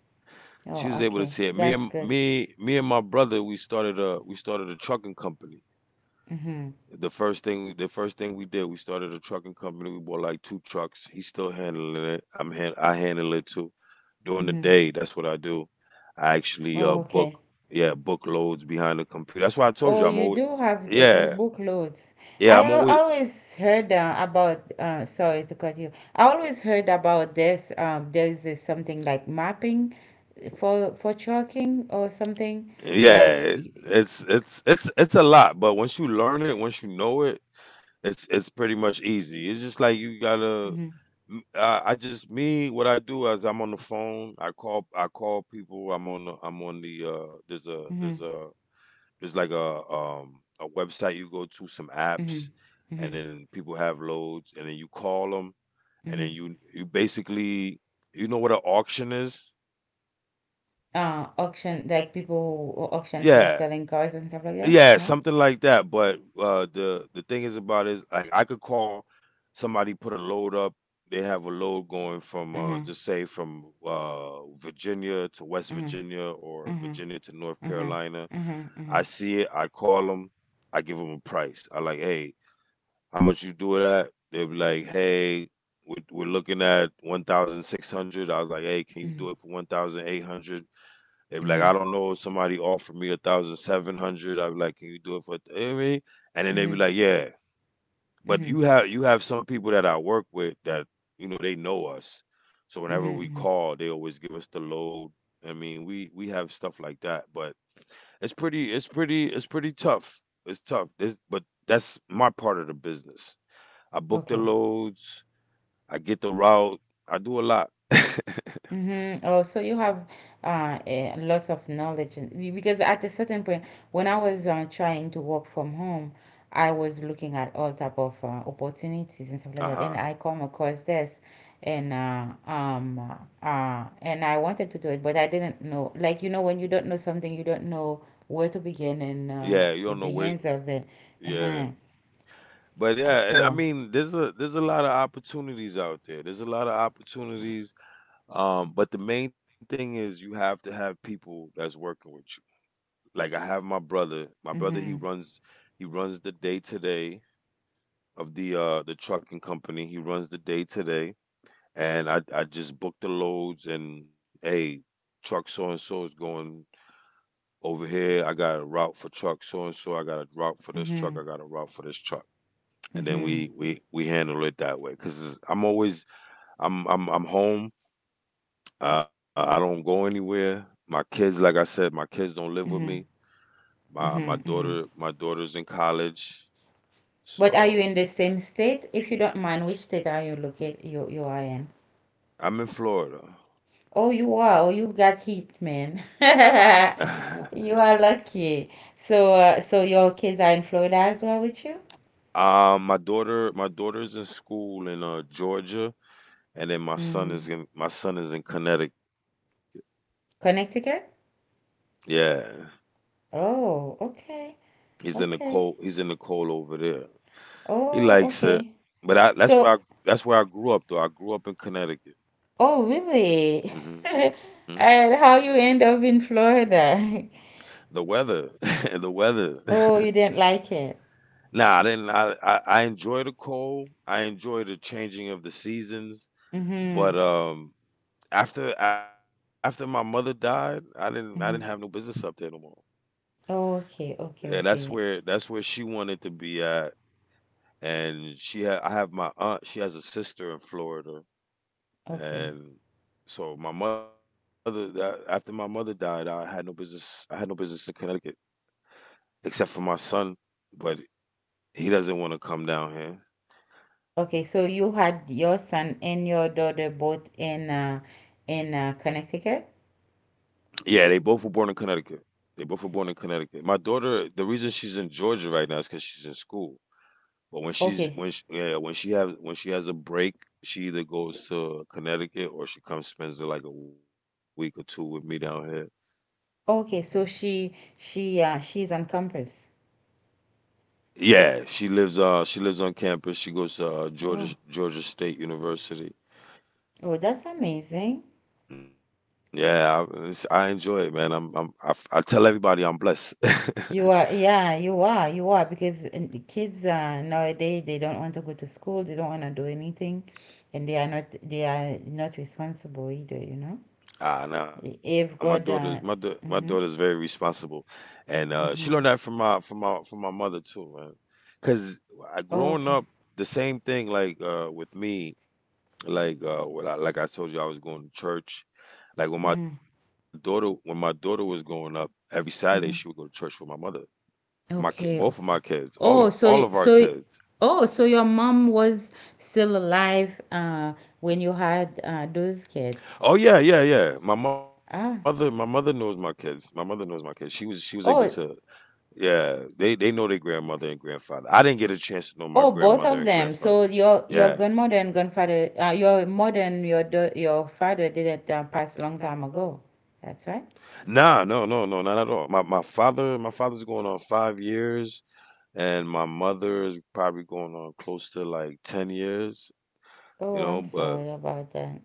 S1: Oh,
S2: She was able to
S1: okay.
S2: see it.
S1: That's good.
S2: Me and my brother, we started a trucking company.
S1: Mm-hmm.
S2: The first thing we did, we started a trucking company. We bought like two trucks. He's still handling it. I handle it too. During the
S1: Mm-hmm.
S2: day, that's what I do. I actually
S1: Oh,
S2: book,
S1: okay.
S2: yeah, book loads behind the computer. That's why I told
S1: Oh,
S2: you I'm
S1: you
S2: always,
S1: do have you
S2: yeah,
S1: book loads.
S2: yeah,
S1: I
S2: I'm always.
S1: always heard about, sorry to cut you. I always heard about this. There is this something like mapping for chalking or something.
S2: Yeah,
S1: Yeah.
S2: it- it's it's a lot, but once you learn it, once you know it, it's pretty much easy. It's just like you gotta.
S1: Mm-hmm.
S2: I just me what I do is I'm on the phone. I call people. I'm on the
S1: Mm-hmm.
S2: there's a there's like a um, a website you go to, some
S1: Mm-hmm.
S2: apps, and
S1: Mm-hmm.
S2: then people have loads, and then you call them, and then
S1: Mm-hmm.
S2: you basically, you know what an auction is.
S1: Auction like people who auction for
S2: Yeah,
S1: selling cars and stuff like that.
S2: yeah,
S1: No.
S2: something like that. But, the thing is about is, like, I could call, somebody put a load up, they have a load going from,
S1: Uh-huh.
S2: just say from, Virginia to West
S1: Uh-huh.
S2: Virginia, or
S1: Uh-huh.
S2: Virginia to North
S1: Uh-huh.
S2: Carolina.
S1: Uh-huh. Uh-huh.
S2: I see it, I call them. I give them a price. I like, "Hey, how much you do it at?" They'll be like, "Hey, we're looking at 1,600." I was like, "Hey, can you
S1: Mm-hmm.
S2: do it for 1,800?" They be like, I
S1: Mm-hmm.
S2: don't know. Somebody offered me 1,700. I be like, can you do it for? You know what I mean? And then they be
S1: Mm-hmm.
S2: like, yeah. But
S1: Mm-hmm.
S2: you have some people that I work with that, you know, they know us. So whenever we
S1: Mm-hmm.
S2: call, they always give us the load. I mean, we have stuff like that. But it's pretty, it's pretty it's pretty tough. It's tough. This, but that's my part of the business. I book the
S1: Okay.
S2: loads. I get the route. I do a lot. uh
S1: Mm-hmm. Oh, so you have lots of knowledge and because at a certain point, when I was trying to work from home, I was looking at all type of opportunities and stuff like that,
S2: huh.
S1: and I come across this, and I wanted to do it, but I didn't know. Like you know, when you don't know something, you don't know where to begin and
S2: Yeah, you don't
S1: at
S2: know
S1: the
S2: where.
S1: hands of it.
S2: Yeah.
S1: Uh-huh.
S2: But yeah, it, I
S1: So.
S2: mean, there's a, there's a lot of opportunities out there. There's a lot of opportunities. But the main thing is, you have to have people that's working with you. Like I have my brother. My brother,
S1: Mm-hmm.
S2: he runs the day to day of the trucking company. He runs the day to day, and I just book the loads, and hey, truck so and so is going over here. I got a route for truck so and so. I got a route for this truck. I got
S1: Mm-hmm.
S2: a route for this truck, and then we
S1: Mm-hmm.
S2: we handle it that way. Because I'm always, I'm I'm home, uh, I don't go anywhere. My kids, like I said, my kids don't live with me.
S1: Mm-hmm.
S2: My
S1: Mm-hmm.
S2: daughter,
S1: Mm-hmm.
S2: my daughter's in college. So
S1: But are you in the same state? If you don't mind, which state are you locate you are in?
S2: I'm in Florida.
S1: Oh, you are. Oh, you got hit, man. You are lucky. So, so your kids are in Florida as well with you?
S2: Um, my daughter's in school in uh, Georgia, and then my son
S1: Mm.
S2: is in my son is in Connecticut.
S1: Connecticut?
S2: Yeah,
S1: Oh, okay.
S2: he's in the cold
S1: Okay.
S2: he's in the cold over there. He
S1: Oh,
S2: likes it.
S1: okay.
S2: But that's where I
S1: So,
S2: that's where I grew up, though. I grew up in Connecticut.
S1: oh, really?
S2: Hmm.
S1: And how you end up in Florida?
S2: The weather. The weather.
S1: Oh, you didn't like it.
S2: Nah, I didn't. I enjoy the cold. I enjoy the changing of the seasons.
S1: Mm-hmm.
S2: But after my mother died, I didn't have no
S1: Mm-hmm.
S2: business up there no more.
S1: Okay,
S2: Yeah,
S1: okay,
S2: that's
S1: okay,
S2: where that's where she wanted to be at. And she had I have my aunt. She has a sister in Florida,
S1: okay.
S2: and so my mother. That, after my mother died, I had no business. I had no business in Connecticut except for my son but he doesn't want to come down here.
S1: Okay, so you had your son and your daughter both in in Connecticut?
S2: Yeah, they both were born in Connecticut. They both were born in Connecticut. My daughter, the reason she's in Georgia right now is because she's in school. But when she's when
S1: Okay.
S2: she, yeah, when she has a break, she either goes to Connecticut or she comes spends like a week or two with me down here.
S1: Okay, so she's on campus.
S2: Yeah, she lives on campus. She goes to Georgia
S1: Oh.
S2: Georgia State University.
S1: Oh, that's amazing.
S2: It's, I enjoy it, man. I tell everybody I'm blessed.
S1: You are, yeah, you are. You are because the kids nowadays they don't want to go to school, they don't want to do anything, and they are not responsible either, you know?
S2: Ah, no,
S1: If God
S2: my daughter's very
S1: mm-hmm,
S2: responsible, and she learned that
S1: mm-hmm.
S2: from my mother too, man. Cause growing up,
S1: Okay.
S2: the same thing like with me, like like I told you, I was going to church. Like when my
S1: Mm-hmm,
S2: daughter when my daughter was growing up, every Saturday she would go to
S1: mm-hmm.
S2: church with my mother,
S1: Okay,
S2: both of my
S1: okay.
S2: kids, all of
S1: Oh, so
S2: all
S1: y-
S2: of our
S1: so y-
S2: kids.
S1: oh, so your mom was still alive when you had those kids.
S2: Oh yeah, yeah, yeah. My
S1: Ah.
S2: mother knows my kids. My mother knows my kids. She was able
S1: Oh,
S2: to. Yeah, they know their grandmother and grandfather. I didn't get a chance
S1: oh,
S2: to know my
S1: both of them.
S2: grandmother and
S1: So
S2: grandfather.
S1: your grandmother
S2: Yeah.
S1: and grandfather, your mother and your your father didn't pass long time ago. That's right.
S2: Nah, no, no, no, not at all. My father, my father's going on 5 years, and my mother is probably going on close to like 10 years.
S1: Oh, I'm sorry
S2: You know,
S1: about that.
S2: but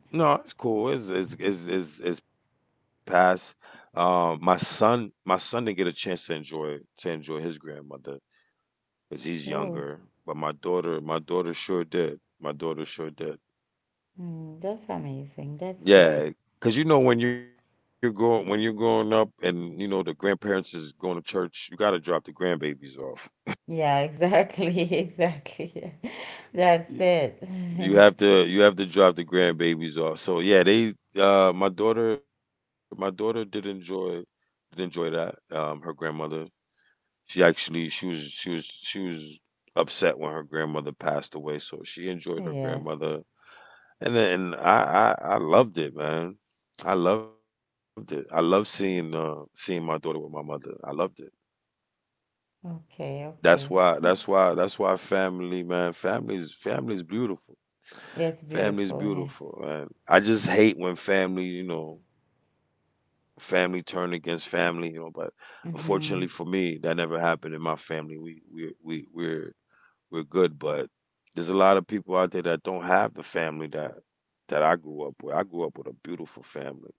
S2: no, it's cool. It's past. My son didn't get a chance to enjoy his grandmother
S1: Oh,
S2: because he's younger. But my daughter sure did. My daughter sure did.
S1: mm, that's amazing. That's good.
S2: Yeah, because you know when you're growing up and you know the grandparents is going to church, you gotta drop the grandbabies off.
S1: Yeah, exactly, exactly. That's
S2: Y-
S1: it.
S2: You have to drop the grandbabies off. So yeah, they my daughter did enjoy that. Her grandmother she actually she was upset when her grandmother passed away, so she enjoyed her
S1: Yeah.
S2: grandmother. And then I loved it, man. I loved it. I love seeing seeing my daughter with my mother. I loved it.
S1: Okay,
S2: That's
S1: okay.
S2: why
S1: Yes.
S2: that's why that's why family, man. Family's beautiful.
S1: It's
S2: Family's
S1: beautiful here.
S2: beautiful, man. I just hate when family, you know, family turn against family, you know, but unfortunately for
S1: Hmm
S2: me, that never happened in my family. We're good. But there's a lot of people out there that don't have the family that I grew up with. I grew up with a beautiful family.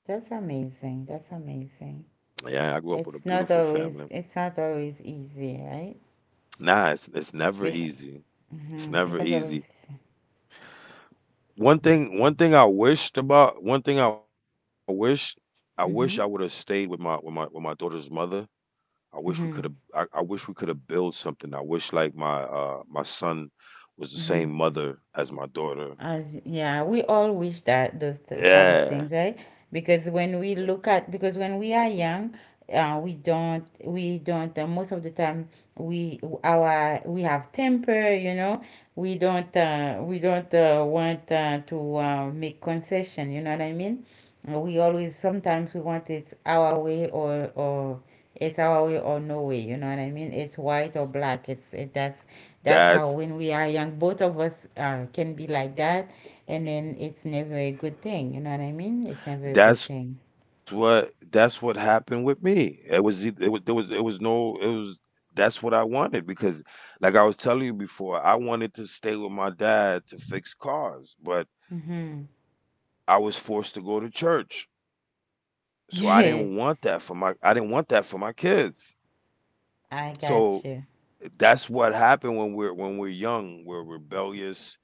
S1: That's amazing. That's amazing.
S2: Yeah, I grew up with a
S1: It's not
S2: beautiful
S1: always
S2: family.
S1: it's not always easy, right?
S2: Nah, it's never
S1: Because,
S2: easy.
S1: hmm
S2: It's never
S1: It's not always
S2: easy.
S1: easy.
S2: One thing I wish, I wish I would have stayed
S1: Mm-hmm.
S2: with my with my with my daughter's mother. I wish we could
S1: Mm-hmm.
S2: have. I wish we could have built something. I wish like my son was the
S1: Mm-hmm.
S2: same mother as my daughter.
S1: As yeah, we all wish that those type of
S2: Yeah,
S1: things, right? Because when we look at because when we are young, we don't most of the time we have temper, you know. We don't want to make concession. You know what I mean? We always sometimes we want it our way or it's our way or no way. You know what I mean? It's white or black. It's it That's how
S2: that's
S1: when we are young, both of us can be like that, and then it's never a good thing. You know what I mean? It's never a good
S2: That's
S1: thing.
S2: what that's what happened with me. It was eith- it was there was it was no it was that's what I wanted because like I was telling you before, I wanted to stay with my dad to fix cars, but
S1: Mm-hmm.
S2: I was forced to go to church. So I didn't want that for my kids.
S1: I
S2: So
S1: got you.
S2: that's what happened when we're young, we're rebellious,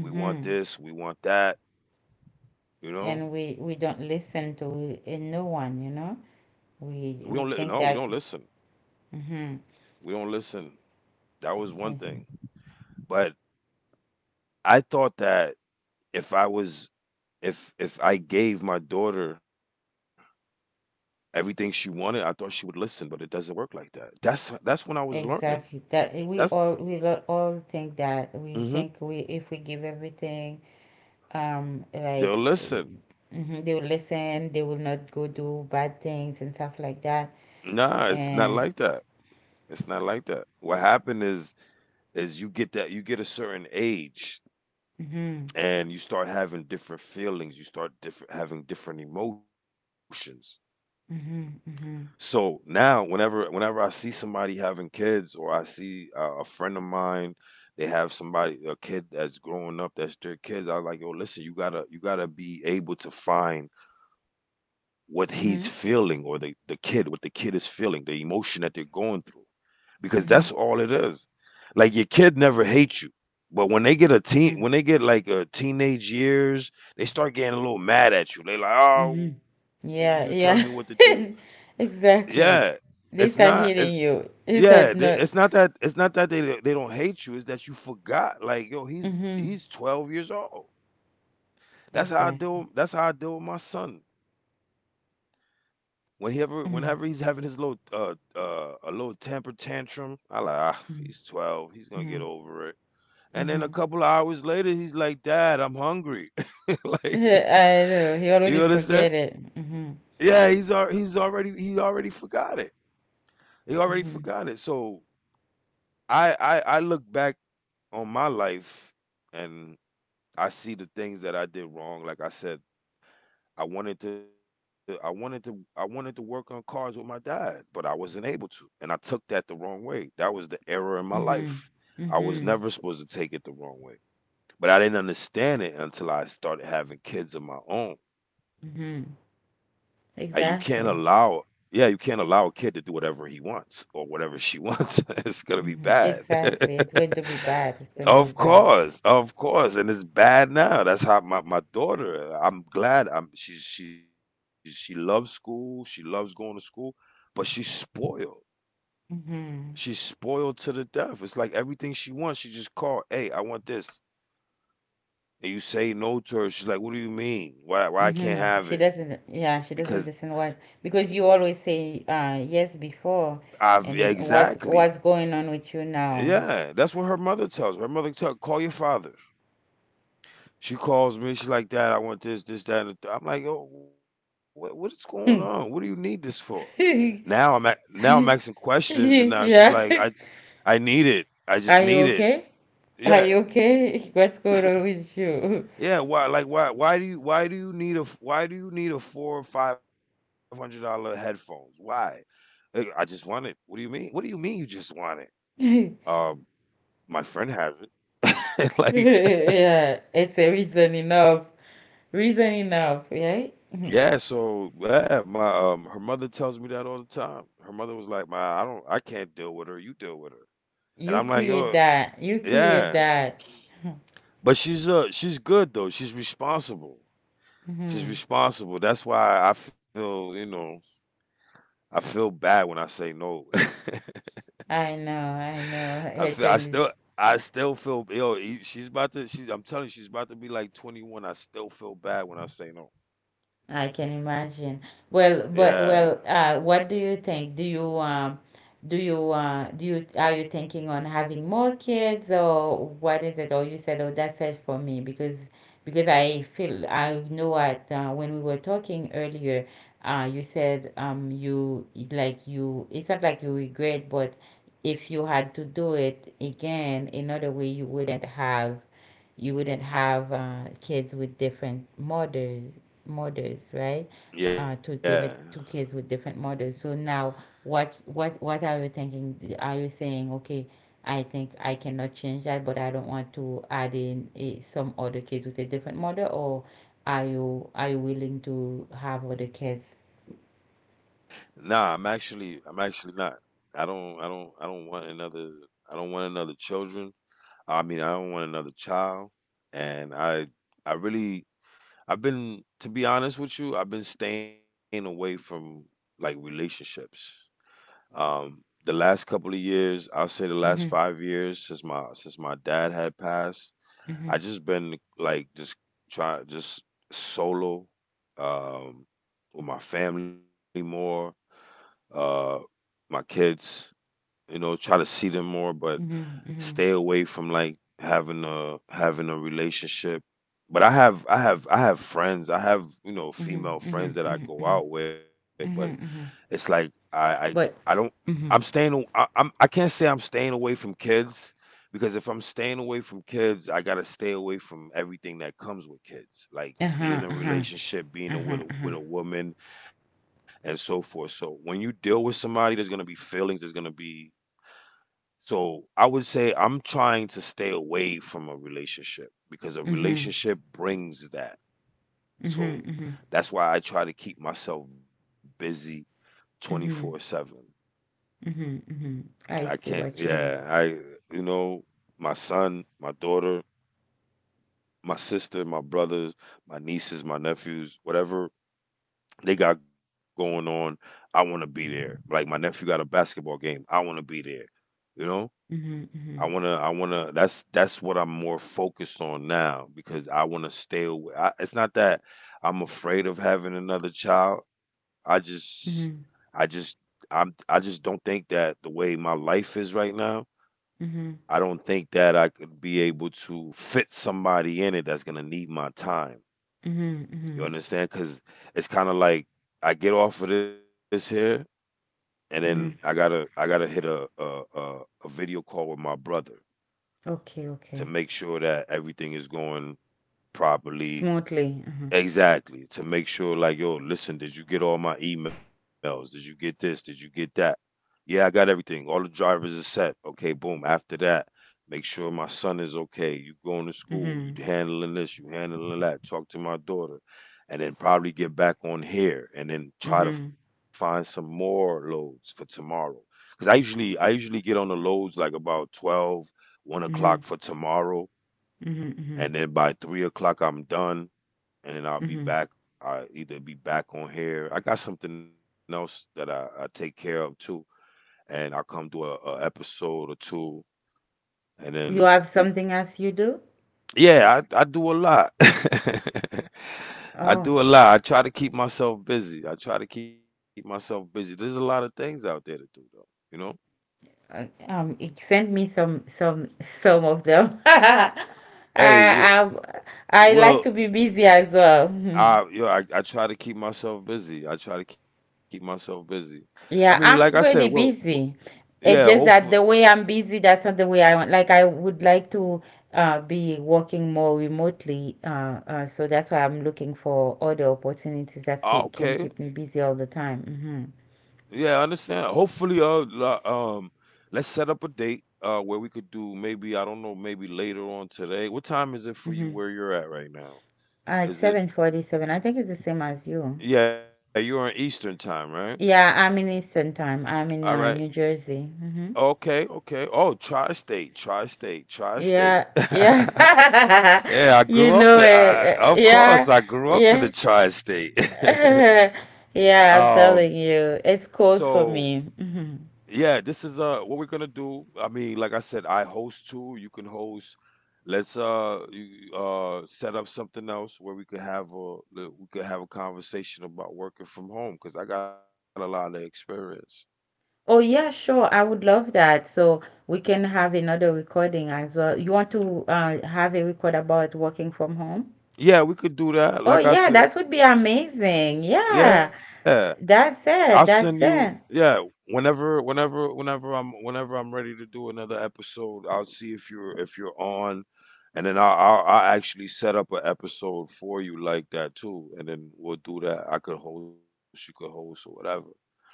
S2: we want this, we want that, you know?
S1: And we don't listen to no one. You know,
S2: We don't li- no,
S1: we
S2: we don't
S1: think that.
S2: listen.
S1: Mm-hmm.
S2: We don't listen. That was one thing. But I thought that if I was if I gave my daughter everything she wanted, I thought she would listen, but it doesn't work like that. That's when I was learning.
S1: Exactly. That eh, we
S2: That's
S1: all we lo- all think that we
S2: mm-hmm.
S1: think we if we give everything, um,
S2: They'll
S1: like, uh,
S2: listen.
S1: mm-hmm, they will listen. They will not go do bad things and stuff like that.
S2: Nah, it's not like
S1: And
S2: that. It's not like that. What happened is you get that you get a certain age
S1: mhm,
S2: and you start having different feelings. You start different having different emotions.
S1: mhm,
S2: So
S1: mhm,
S2: now, whenever I see somebody having kids, or I see a friend of mine, they have somebody a kid that's growing up that's their kids. I like, yo, listen, you gotta be able to find what he's feeling, or
S1: mhm,
S2: the kid, what the kid is feeling, the emotion that they're going through, because that's
S1: mhm,
S2: all it is. Like your kid never hates you, but when they get a teen,
S1: mhm,
S2: when they get like a teenage years, they start getting a little mad at you. They like,
S1: mhm.
S2: oh, you telling me what to
S1: Yeah,
S2: do?
S1: yeah.
S2: Yeah,
S1: Exactly.
S2: it's
S1: They
S2: not.
S1: start
S2: It's
S1: hitting you. Is
S2: yeah.
S1: that
S2: It's
S1: not?
S2: not that. It's not that they don't hate you. It's that you forgot. Like yo,
S1: Mhm.
S2: he's 12 years old. That's how I deal.
S1: Exactly.
S2: That's how I deal with my son. Whenever he's having
S1: Mhm.
S2: his little uh a little temper tantrum, I like ah
S1: Mhm.
S2: he's 12. He's gonna
S1: Mhm.
S2: get over it. And then
S1: Mhm.
S2: a couple of hours later, he's like, "Dad, I'm hungry."
S1: I
S2: like,
S1: know. He already
S2: you
S1: forget
S2: understand?
S1: it. Mhm.
S2: Yeah, he's already he already forgot it. He
S1: Mhm.
S2: already forgot it. So I look back on my life and I see the things that I did wrong. Like I said, I wanted to work on cars with my dad, but I wasn't able to. And I took that the wrong way. That was the error in my
S1: Mhm.
S2: life. I was
S1: Mhm.
S2: never supposed to take it the wrong way. But I didn't understand it until I started having kids of my own.
S1: Mhm.
S2: Like you can't allow,
S1: Exactly.
S2: yeah, you can't allow a kid to do whatever he wants or whatever she wants. It's gonna be
S1: Mhm.
S2: bad.
S1: Exactly. It's going to be bad. It's going to be bad.
S2: Of course, and it's bad now. My daughter. I'm glad. I'm she loves school. She loves going to school, but she's spoiled.
S1: Mhm.
S2: She's spoiled to the death. It's like everything she wants, she just call. Hey, I want this, and you say no to her. She's like, "What do you mean? Why I can't
S1: hmm
S2: have
S1: She
S2: it?
S1: doesn't,
S2: Because
S1: yeah, she doesn't listen what because you always say yes before
S2: I've
S1: and
S2: exactly.
S1: what's going on with you now?
S2: Yeah, that's what her mother tells her. Her mother tell call your father. She calls me. She's like, Dad, I want this, this, that. And the th-" I'm like, Yo, what is going on? What do you
S1: Hmm.
S2: need this for? Now I'm asking questions, and now she's
S1: Yeah.
S2: like, I need it. I just
S1: Are you
S2: need it.
S1: okay? Are you
S2: Yeah,
S1: okay? What's going on with you?
S2: yeah. Why? Like why? Why do you? Why do you need a four or five hundred dollar headphones? Why? "Hey, I just want it. What do you mean? What do you mean you just want it? Um, my friend has it. like,
S1: Yeah, it's a reason enough. Reason enough, right? Mhm.
S2: yeah, so yeah, my her mother tells me that all the time. Her mother was like, "My, I can't deal with her. You deal with her." And I'm
S1: You
S2: like, "Yo,
S1: create that. You create
S2: yeah."
S1: that.
S2: But she's good though. She's responsible. She's
S1: Hmm
S2: responsible. That's why I feel, you know, I feel bad when I say no.
S1: I know, I
S2: I
S1: know.
S2: feel I
S1: It's
S2: still
S1: a.
S2: I still feel yo, she's about to she's I'm telling you she's about to be like 21. I still feel bad when I say no.
S1: I can imagine. Well,
S2: Yeah.
S1: but well, what do you think? Do you do you are you thinking on having more kids or what is it? Or you said, oh, that's it for me because I feel I know what. When we were talking earlier, you said you like you it's not like you regret, but if you had to do it again another way, you wouldn't have kids with different mothers models, right?
S2: Yeah.
S1: Two different two kids with different models. So now, what are you thinking? Are you saying, okay, I think I cannot change that, but I don't want to add in a, some other kids with a different model, or are you willing to have other kids?
S2: Nah, I'm actually not. I don't want another I don't want another children. I mean, I don't want another child. And I really I've been to be honest with you, I've been staying away from like relationships. Um the last couple of years, I'll say the
S1: Mm-hmm,
S2: last 5 years since my dad had passed, I
S1: mm-hmm,
S2: just been like just try just solo um with my family more. Uh my kids, you know, try to see them more, but
S1: mm-hmm, mm-hmm,
S2: stay away from like having a relationship. But I have friends. I have, you know,
S1: mm-hmm,
S2: female
S1: mm-hmm,
S2: friends that I
S1: mm-hmm,
S2: go out with, but
S1: mm-hmm,
S2: it's
S1: mm-hmm.
S2: like I don't
S1: But Mm-hmm.
S2: I'm I can't say I'm staying away from kids, because if I'm staying away from kids, I gotta stay away from everything that comes with kids, like being in
S1: Uh-huh,
S2: a
S1: uh-huh,
S2: relationship,
S1: uh-huh, uh-huh.
S2: with a woman, and so forth. So when you deal with somebody, there's gonna be feelings, there's gonna be so I would say I'm trying to stay away from a relationship because a
S1: Mm-hmm.
S2: relationship brings that.
S1: Mm-hmm.
S2: So
S1: Mm-hmm.
S2: that's why I try to keep myself busy
S1: Mm-hmm.
S2: 24/7.
S1: Mhm, mhm. I
S2: I
S1: see
S2: can't.
S1: what you mean.
S2: Yeah, I you know my son, my daughter, my sister, my brothers, my nieces, my nephews, whatever they got going on, I want to be there. Like my nephew got a basketball game, I want to be there. You know,
S1: Mhm,
S2: I
S1: mhm.
S2: wanna, I wanna. That's what I'm more focused on now because I want to stay away. It's not that I'm afraid of having another child. I
S1: Mhm,
S2: just, I just don't think that the way my life is right now.
S1: mhm.
S2: I don't think that I could be able to fit somebody in it that's gonna need my time.
S1: Mhm,
S2: You
S1: mhm.
S2: understand? Cause it's kind of like I get off of this here, and then I
S1: Mhm.
S2: gotta I gotta hit a video call with my brother
S1: Okay,
S2: to
S1: okay.
S2: make sure that everything is going properly.
S1: Smoothly. Mhm.
S2: Exactly. To make sure, like, yo, listen, did you get all my emails? Did you get this? Did you get that? Yeah, I got everything. All the drivers are set. Okay, boom. After that, make sure my son is okay. You going to school.
S1: Mhm.
S2: You handling this. You handling that. Talk to my daughter, and then probably get back on here, and then try to
S1: Mhm.
S2: find some more loads for tomorrow. Cause I usually get on the loads like about 12, one
S1: Mhm.
S2: o'clock for tomorrow,
S1: Mhm.
S2: and
S1: Mhm.
S2: then by 3 o'clock I'm done, and then I'll be
S1: Mhm.
S2: back. I either be back on here. I got something else that I take care of too, and I come do a episode or two, and
S1: You
S2: then
S1: have
S2: keep.
S1: something else you do?
S2: Yeah, I do a lot. I
S1: Oh,
S2: do a lot. I try to keep myself busy. I try to keep myself busy. There's a lot of things out there to do, though. You know.
S1: it sent me some of them.
S2: Hey,
S1: I
S2: y-
S1: I like
S2: well,
S1: to be busy as well.
S2: I you know, I try to keep myself busy. I try to keep myself busy. I mean, like I
S1: Yeah,
S2: said,
S1: I'm
S2: well,
S1: pretty
S2: well
S1: busy.
S2: yeah,
S1: It's just
S2: hopefully.
S1: that the way I'm busy, that's not the way I want. Like I would like to be working more remotely, so that's why I'm looking for other opportunities that can
S2: Okay,
S1: keep me busy all the time. Mm-hmm.
S2: yeah, I understand. Hopefully, let's set up a date where we could do, maybe I don't know, maybe later on today. What time is it for you
S1: Mm-hmm.
S2: where you're at right now?
S1: uh hmm At
S2: Is it?
S1: 7:47, I think it's the same as you.
S2: Yeah, you're in Eastern time, right?
S1: Yeah, I'm in Eastern Time. I'm
S2: All
S1: in
S2: right.
S1: New Jersey. Mm-hmm.
S2: Okay. Okay. Oh, tri-state, tri-state,
S1: Yeah,
S2: tri-state.
S1: yeah.
S2: Yeah, I
S1: You
S2: grew up in.
S1: know it.
S2: I, of course,
S1: Yeah,
S2: I grew up in the
S1: yeah.
S2: tri-state.
S1: Yeah, I'm
S2: um.
S1: telling you, it's
S2: So
S1: cold for me. Mhm.
S2: yeah, this is what we're gonna do. I mean, like I said, I host too. You can host. Let's set up something else where we could have a conversation about working from home because I got a lot of experience.
S1: Oh, yeah, sure. I would love that. So we can have another recording as well. You want to have a record about working from home?
S2: Yeah, we could do that.
S1: Oh,
S2: Like I
S1: yeah,
S2: said,
S1: that would be amazing. Yeah,
S2: yeah. I'll
S1: that's
S2: send
S1: it.
S2: you.
S1: That's
S2: Yeah,
S1: it.
S2: whenever I'm ready to do another episode, I'll see if you're on, and then I'll actually set up an episode for you like that too, and then we'll do that. I could host, you could host, or whatever.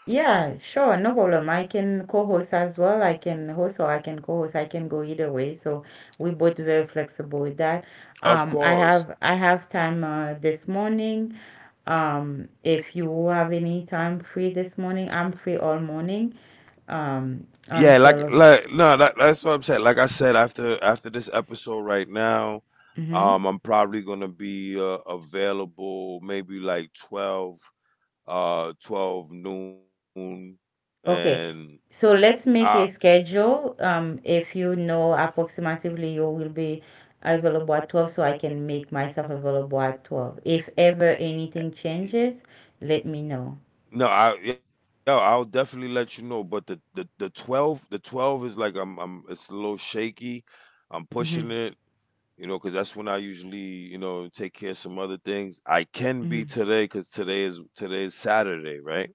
S1: Yeah, sure, no problem. I can co-host as well. I can host or I can co-host. I can go either way. So we both very flexible with that.
S2: Of course.
S1: I have time this morning. If you have any time free this morning, I'm free all morning.
S2: Yeah, like
S1: Until
S2: like no, that's what I'm saying. Like I said, after this episode right now,
S1: mm-hmm.
S2: I'm probably gonna be available maybe like 12, 12 noon, and
S1: Okay, so let's
S2: I
S1: make a schedule. If you know approximately you will be available at 12, so I can make myself available at 12. If ever anything changes, let me know.
S2: no, I yo, I'll definitely let you know. But the 12, the 12 is like I'm it's a little shaky. I'm pushing
S1: Mm-hmm.
S2: it, you know, because that's when I usually, you know, take care of some other things. I can be
S1: Mm-hmm.
S2: today because today is Saturday, right?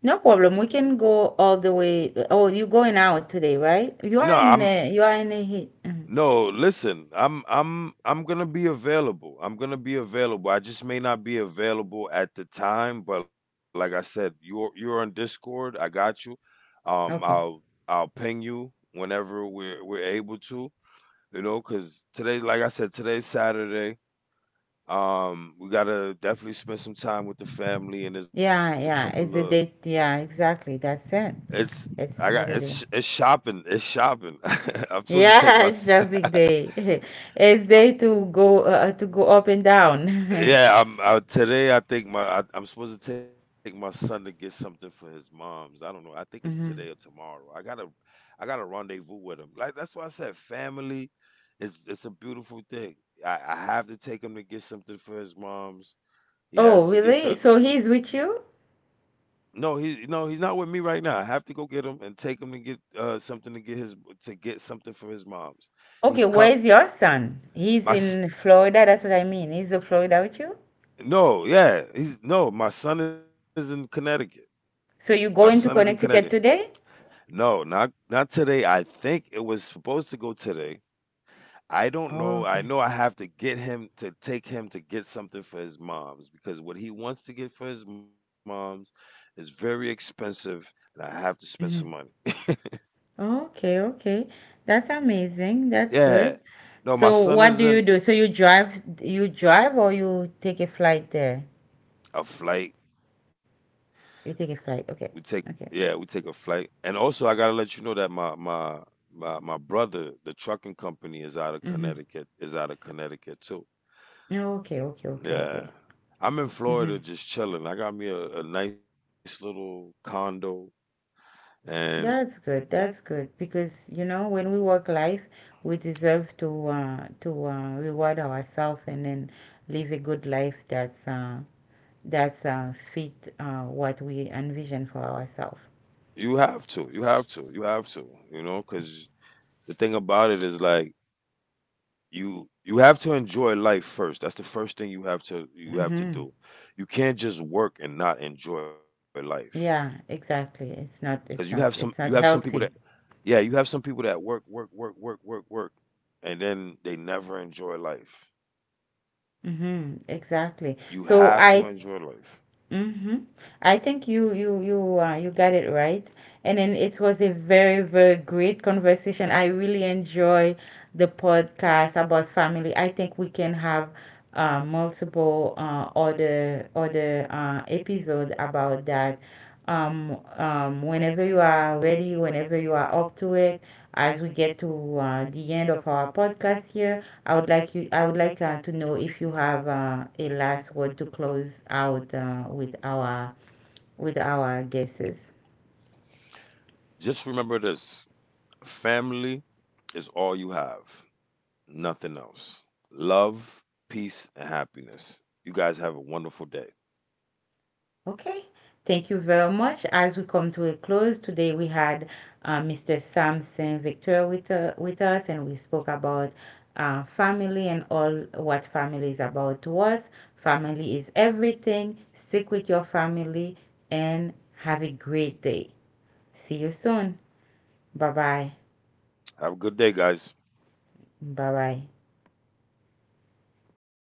S1: No problem. We can go all the way. Oh, you going out today, right? You
S2: No,
S1: are in
S2: I'm
S1: the, you are in the heat. Mhm.
S2: No, listen, I'm gonna be available. I'm gonna be available. I just may not be available at the time, but like I said, you're on Discord. I got you. Um,
S1: Okay.
S2: I'll I'll ping you whenever we're able to. You know, because today, like I said, today's Saturday. We gotta definitely spend some time with the family, and there's a
S1: Yeah,
S2: couple of
S1: yeah. It's a date. Yeah, exactly. That's it.
S2: it's I got,
S1: It's
S2: it's
S1: Saturday.
S2: shopping. It's shopping. I'm supposed to take my
S1: Yeah, shopping day. It's day to go up and down.
S2: Yeah, I'm today. I'm supposed to take my son to get something for his mom's. I don't know. I think it's today or
S1: Mhm.
S2: tomorrow. I got a rendezvous with him. Like that's why I said family is, it's a beautiful thing. I have to take him to get something for his mom's. He
S1: Oh,
S2: has to get
S1: really?
S2: some.
S1: So he's with you?
S2: No, he's not with me right now. I have to go get him and take him to get something to get something for his mom's. He's
S1: Okay,
S2: come
S1: where's your son? He's
S2: my s-
S1: in Florida. That's what I mean. He's in Florida with you?
S2: no, yeah, he's no. My son is in Connecticut. My
S1: So
S2: son
S1: you
S2: is in
S1: going to
S2: Connecticut.
S1: Connecticut today?
S2: No, not not today. I think it was supposed to go today. I don't
S1: Oh,
S2: know. I
S1: okay.
S2: know I have to get him to take him to get something for his mom's because what he wants to get for his mom's is very expensive and I have to spend some money.
S1: hmm Okay, okay. That's amazing. That's
S2: Yeah.
S1: good.
S2: No, my
S1: So
S2: son
S1: what
S2: is
S1: do you
S2: in
S1: do? So you drive or you take a flight there?
S2: A flight.
S1: You take a
S2: We
S1: flight.
S2: take
S1: Okay.
S2: yeah,
S1: Okay.
S2: we take a flight. And also I gotta let you know that my brother, the trucking company, is out of
S1: Mm-hmm.
S2: Connecticut, too.
S1: Okay, okay, okay,
S2: Yeah.
S1: okay.
S2: I'm in
S1: Mhm.
S2: Florida just chilling. I got me a nice little condo, and
S1: That's good. That's good because you know when we work life, we deserve to to reward ourselves and then live a good life that's fit what we envision for ourselves.
S2: you have to, you know, because the thing about it is like you have to enjoy life first. That's the first thing you have to
S1: Mm-hmm.
S2: do. You can't just work and not enjoy life
S1: Yeah, exactly. It's
S2: because
S1: not. It's not.
S2: you have
S1: It's
S2: some
S1: not
S2: people that,
S1: healthy.
S2: yeah, you have some people that work, work, work, work, work, work, and then they never enjoy life.
S1: Mm-hmm. Exactly.
S2: You
S1: So
S2: have to
S1: I
S2: enjoy life.
S1: Mm-hmm. I think you got it right. And then it was a very great conversation. I really enjoy the podcast about family. I think we can have multiple other episode about that whenever you are ready, whenever you are up to it, as we get to the end of our podcast here, I would like to know if you have a last word to close out with our guesses.
S2: Just remember this. Family is all you have, nothing else. Love, peace, and happiness. You guys have a wonderful day.
S1: Okay, thank you very much. As we come to a close today, we had Mr. Sam Saint Victor with us, and we spoke about family and all what family is about to us. Family is everything. Stick with your family and have a great day. See you soon. Bye bye.
S2: Have a good day, guys.
S1: Bye bye.